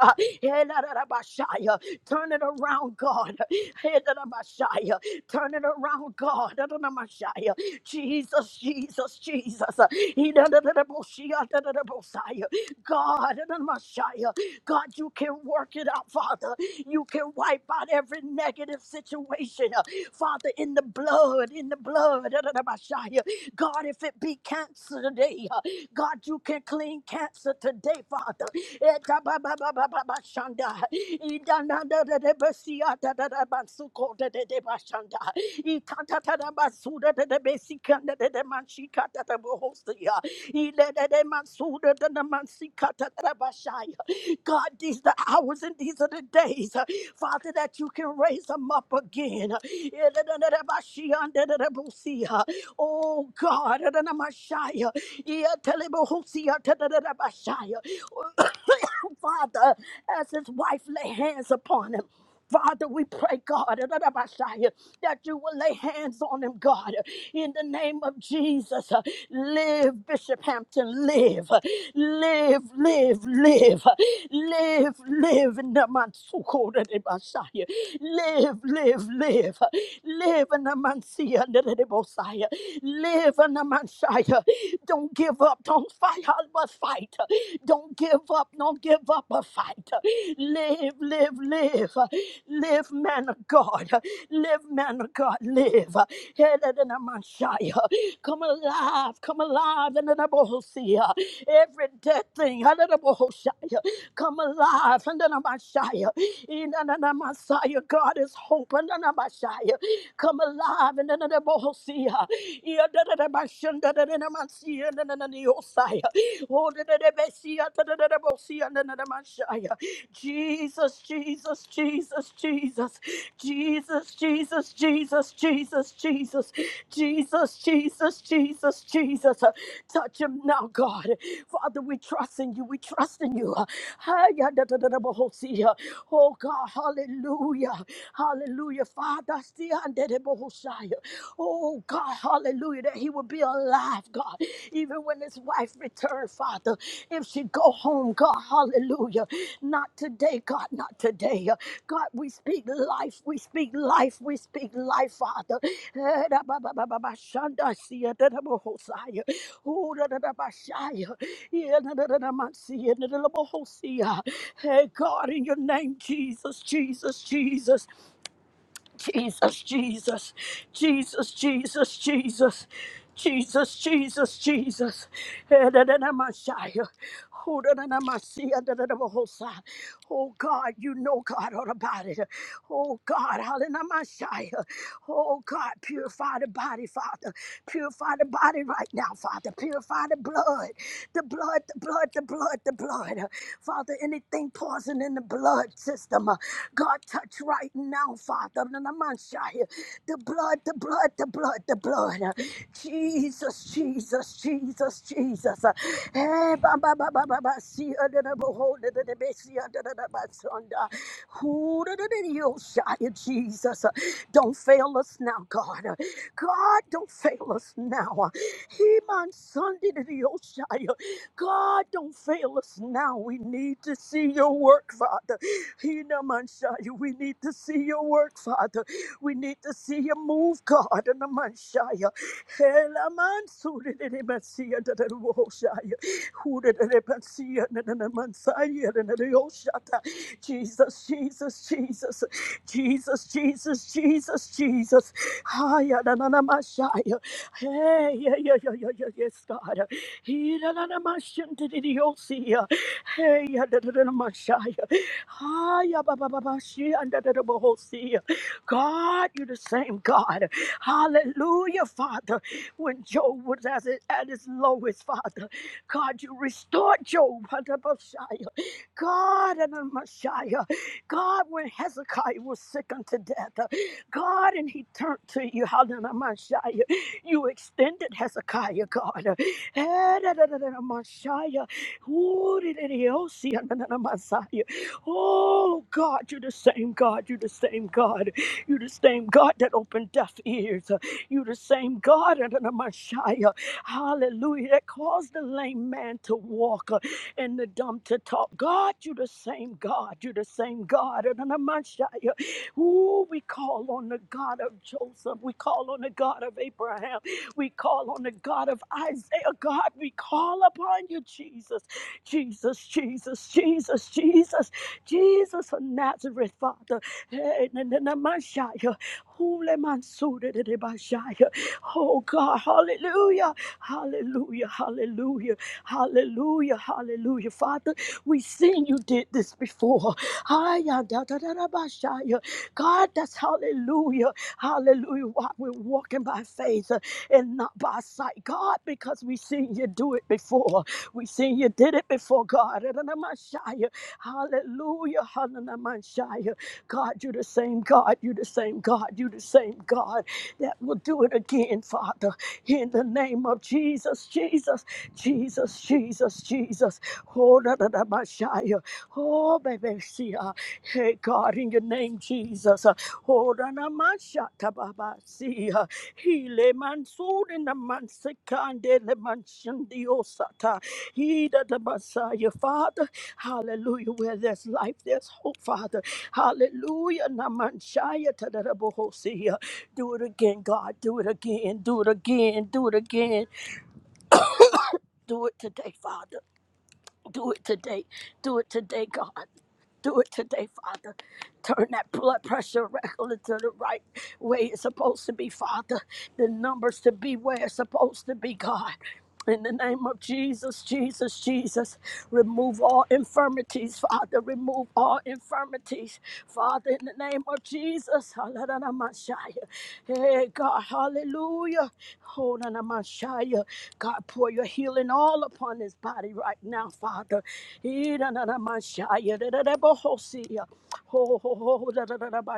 Speaker 2: Uh, Hey, the la, Messiah, Turn it around, God. Hey, the la, Messiah. Turn it around, God. Adonamashaya. Jesus, Jesus, Jesus. Idadadadaboshia, dadadabosaya. God, Adonamashaya. God, you can work it out, Father. You can wipe out every negative situation, uh, Father, in the blood, in the blood. Adonamashaya. God, if it be cancer today. God, you can clean cancer today, Father. Eta ba ba ba ba ba ba shanda. Ida na da da da ba si ya da da da ba su ko da da da ba shanda. Ita ta ta da ba su da da da ba si ka da da da man Etabababababashanda. Idanadadadebesiatadadabansukodadedebashanda. Itatatadabasudadadabesikandadadamanshikatadabohosia. Ilededemansudadanamansikatatadabashaya. God, these the hours and these are the days, uh, Father, that you can raise them up again. Ilededemashiandadadabosia. Oh God, Mashaya. Yatalabahosia Tadadabashaya. Father, as his wife lay hands upon him. Father, we pray, God, that you will lay hands on him, God, in the name of Jesus. Live, Bishop Hampton, live, live, live, live, live, live in the Mansuko Live, live, live, live in the Mansia Live in the Messiah. Don't give up. Don't fight, but fight. Don't give up. Don't give up a fight. Live, live, live. Live, man of God. Live, man of God. Live. Headed in the Messiah. Come alive. Come alive in the Nebohosia. Every dead thing. in the Nebohosia. Come alive in the Messiah. In the Messiah. God is hope in the Messiah. Come alive Jesus, Jesus, Jesus, Jesus, Jesus, Jesus, Jesus, Jesus, Jesus, Jesus, Jesus, Jesus, Jesus. Touch him now, God. Father, we trust in you. We trust in you. Oh God, hallelujah. Hallelujah. Father, Oh God, hallelujah, that he would be alive, God. Even when his wife returned, Father, if she go home, God, hallelujah. Not today, God, not today. God, we speak life, we speak life, we speak life, Father. Eh, da ba ba ba ba ba, shanda siya, da da bo ho siya. Ooh, da da da ba siya. Yeah, da da da da ma siya, da da da bo ho siya. Hey, God, in your name, Jesus, Jesus, Jesus. Jesus, Jesus, Jesus, Jesus, Jesus, Jesus, Jesus, Jesus. Edenamashaya. Odenamasiya, dededebohosa. Oh God, you know God all about it. Oh God, hallelujah. Oh God, purify the body, Father. Purify the body right now, Father. Purify the blood, the blood, the blood, the blood, the blood. Father, anything poison frozen in the blood system. Uh, God, touch right now, Father. Nanamanshai. The blood, the blood, the blood, the blood. Uh, Jesus, Jesus, Jesus, Jesus. Uh, eh, ba, ba, ba, ba, ba, ba, see, uh, da, da, behold, da, da, da, be, see, uh, da, da, da, ba, son, da. Who, da, da, da, yo, shy, uh, Jesus, Uh, don't fail us now, God. Uh, God, don't fail us now. Uh, He man, son, da, da, da, yo, shy. God, don't fail us now. We need to see your work, Father. Hinamanshayi, We need to see your work, Father. We need to see you move, God. Hinamanshayi. Helamansurididimansiya dadadawoshaya. Hudididimansiya dadadamansaya dadadayoshata. Jesus, Jesus, Jesus, Jesus, Jesus, Jesus, Jesus. Haya dadadamashaya. Hey, yeah, yeah, yeah, yeah, yeah, yes, God. Hirananamashandidiosia. Hey, yadadadadamashaya. Hiya, babababashi, andadadabohosia. God, you're the same God. Hallelujah, Father. When Job was at his, at his lowest, Father, God, you restored Job. Hadabashaya. God, and Messiah. God, when Hezekiah was sick unto death, God, and he turned to you. Hallelujah. Messiah. You extended Hezekiah, God. Messiah. Oh God, you're the same God. You're the same God. You're the same God that opened deaf ears. You're the same God. Messiah. Hallelujah. That caused the lame man to walk uh, and the dumb to talk. God, you're the same God. You're the same God. Messiah. Ooh, we call on the God of Joseph. We call on the God of Abraham. We call on the God of Isaiah. God, we call upon you, Jesus. Jesus, Jesus, Jesus, Jesus, Jesus of Nazareth, Father. Eh, na- na- na- Messiah. Hule mansure de de Messiah. Oh God, hallelujah, hallelujah, hallelujah, hallelujah, hallelujah. Father, we seen you did this before. Hiya, da- da- da- da- Messiah. God, that's hallelujah, hallelujah. Why we're walking by faith and not by sight, God, because we seen you do it before. We seen you did it before, God. Hallelujah, Hallelujah. God, you're the same God. You're the same God. You're the same God that will do it again, Father. In the name of Jesus, Jesus, Jesus, Jesus, Jesus. Oh, da, da, da, Messiah. Oh, baby, see, uh, hey, God, in your name, Jesus. uh, Oh, Ranamashata Baba, see, uh, Hele Mansur in the Mansekande, Le Manshandiosata, He that the Messiah, Father, hallelujah, where there's life, there's hope, Father, hallelujah, Namanshaya Tadarabohosia. Do it again, God, do it again, do it again, do it again, do it today, Father. Do it today. Do it today, God. Do it today, Father. Turn that blood pressure record to the right way it's supposed to be, Father. The numbers to be where it's supposed to be, God. In the name of Jesus, Jesus, Jesus, remove all infirmities, Father. Remove all infirmities, Father. In the name of Jesus, Hallelujah. Hey, God, hallelujah. Hold on, God, pour your healing all upon upon his body right now, Father. Ee, da, da, da, ma, da, da, da, bohosia. ho, Ho, ho, da, da, da, da, ba,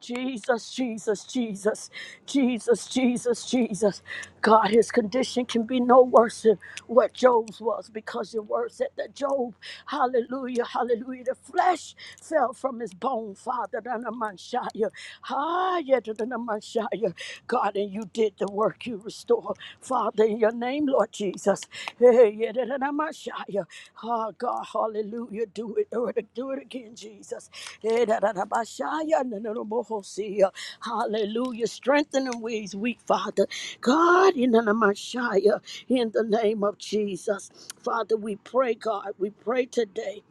Speaker 2: Jesus, Jesus, Jesus, Jesus, Jesus, Jesus. God, his condition can be no worse than what Job's was because your word said that Job, hallelujah, hallelujah, the flesh fell from his bone, Father. da, da, ma, shia. Messiah, God, and you did the work you restore. Father, in your name, Lord Jesus. Hey, yedidana Oh, God, hallelujah. Do it, do it, do it again, Jesus. Yedidana Messiah, Hallelujah. Strengthen them where he's weak, Father. God, yedidana in the name of Jesus. Father, we pray, God, we pray today.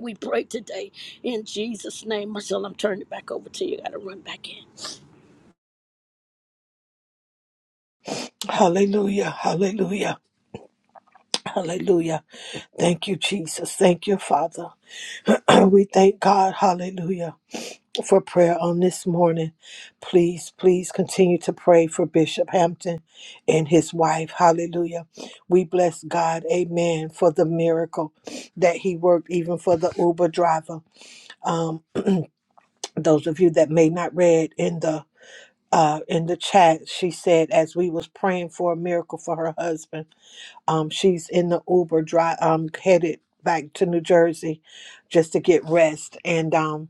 Speaker 2: We pray today in Jesus' name. Marcel, I'm turning it back over to you. I got to run back in.
Speaker 4: Hallelujah, hallelujah, hallelujah. Thank you, Jesus. Thank you, Father. We thank God, hallelujah, for prayer on this morning. Please, please continue to pray for Bishop Hampton and his wife. Hallelujah. We bless God, amen, for the miracle that he worked, even for the Uber driver. Um, those of you that may not read in the uh, in the chat, she said as we was praying for a miracle for her husband, um, she's in the Uber drive, um, headed back to New Jersey just to get rest, and um,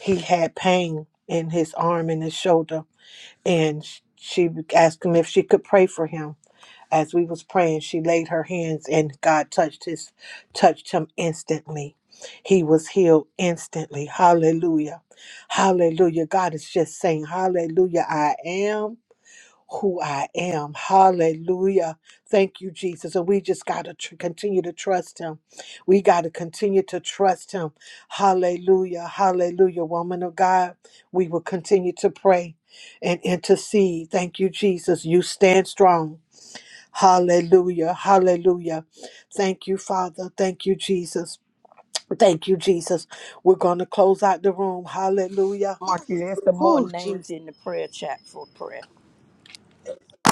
Speaker 4: he had pain in his arm and his shoulder, and sh- she asked him if she could pray for him. As we was praying, she laid her hands, and God touched his, touched him instantly. He was healed instantly. Hallelujah. Hallelujah. God is just saying, Hallelujah, I am who I am. Hallelujah. Thank you, Jesus. And we just got to tr- continue to trust him. We got to continue to trust him. Hallelujah. Hallelujah. Woman of God, we will continue to pray and intercede. Thank you, Jesus. You stand strong. Hallelujah. Hallelujah. Thank you, Father. Thank you, Jesus. Thank you, Jesus. We're going to close out the room. Hallelujah.
Speaker 2: Marty, there's some more
Speaker 4: Whew, Jesus.
Speaker 2: names in the prayer chat for prayer.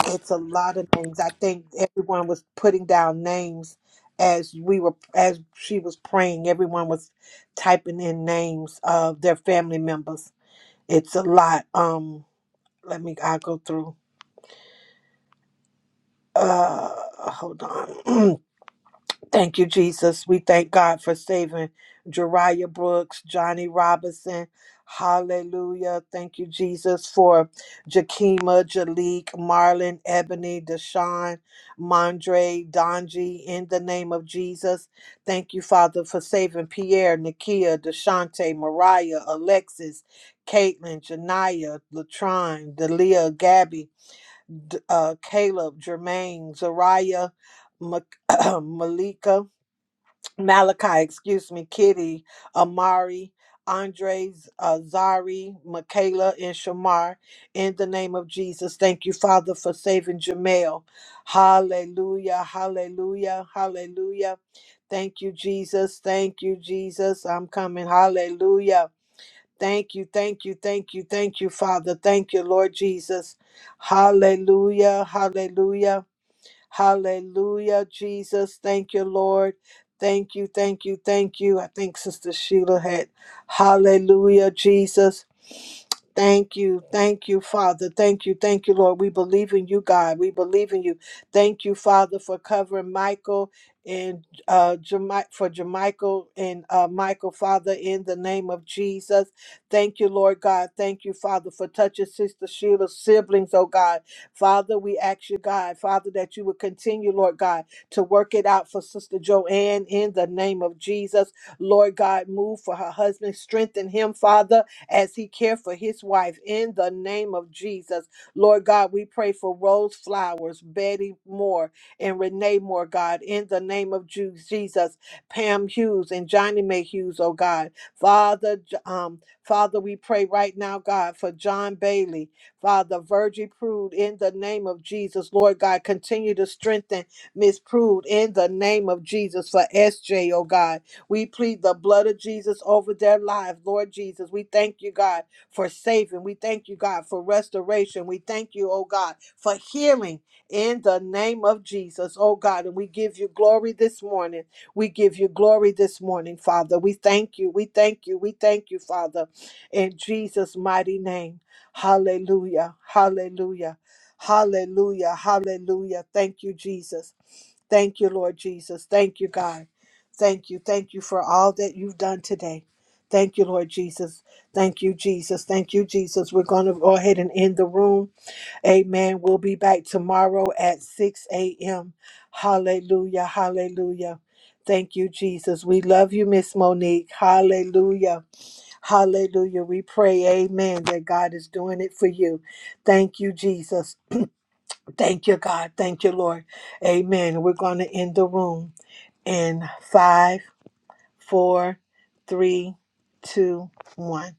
Speaker 4: it's a lot of names. I think everyone was putting down names as we were as she was praying. Everyone was typing in names of their family members. It's a lot. Um, let me. I go through. Uh, hold on. Thank you, Jesus. We thank God for saving Jeriah Brooks, Johnny Robinson. Hallelujah. Thank you, Jesus, for Jakima, Jalik, Marlon, Ebony, Deshaun, Mondre, Donji, in the name of Jesus. Thank you, Father, for saving Pierre, Nakia, Deshante, Mariah, Alexis, Caitlin, Janaya, Latron, Delia, Gabby, D- uh, Caleb, Jermaine, Zariah, Mak- Malika, Malachi, excuse me, Kitty, Amari, Andres, uh, Zari, Michaela, and Shamar, in the name of Jesus. Thank you, Father, for saving Jamel. Hallelujah, hallelujah, hallelujah. Thank you, Jesus. Thank you, Jesus. I'm coming. Hallelujah. Thank you, thank you, thank you, thank you, Father. Thank you, Lord Jesus. Hallelujah, hallelujah. Hallelujah, Jesus. Thank you, Lord. Thank you, thank you, thank you. I think Sister Sheila had, Hallelujah, Jesus. Thank you. Thank you, Father. Thank you. Thank you, Lord. We believe in you, God. We believe in you. Thank you, Father, for covering Michael and uh Jami- for Jermichael and uh Michael, Father, in the name of Jesus. Thank you, Lord God. Thank you, Father, for touching Sister Sheila's siblings, oh God. Father, we ask you, God, Father, that you would continue, Lord God, to work it out for Sister Joanne in the name of Jesus. Lord God, move for her husband, strengthen him, Father as he cared for his wife in the name of Jesus. Lord God, we pray for Rose Flowers, Betty Moore, and Renee Moore, God, in the name of Ju- Jesus, Pam Hughes and Johnny May Hughes, oh God. Father, J- um, Father, we pray right now, God, for John Bailey, Father, Virgie Prude, in the name of Jesus. Lord God, continue to strengthen Miss Prude in the name of Jesus for SJ, oh God. We plead the blood of Jesus over their lives, Lord Jesus. We thank you, God, for saving. We thank you, God, for restoration. We thank you, oh God, for healing in the name of Jesus, oh God. And we give you glory this morning. We give you glory this morning, Father. We thank you. We thank you. We thank you, Father, in Jesus' mighty name. Hallelujah. Hallelujah. Hallelujah. Hallelujah. Thank you, Jesus. Thank you, Lord Jesus. Thank you, God. Thank you. Thank you for all that you've done today. Thank you, Lord Jesus. Thank you, Jesus. Thank you, Jesus. We're going to go ahead and end the room. Amen. We'll be back tomorrow at 6 a.m. Hallelujah. Hallelujah. Thank you, Jesus. We love you, Miss Monique. Hallelujah. Hallelujah. We pray, amen, that God is doing it for you. Thank you, Jesus. Thank you, God. Thank you, Lord. Amen. We're going to end the room in five, four, three, two, one.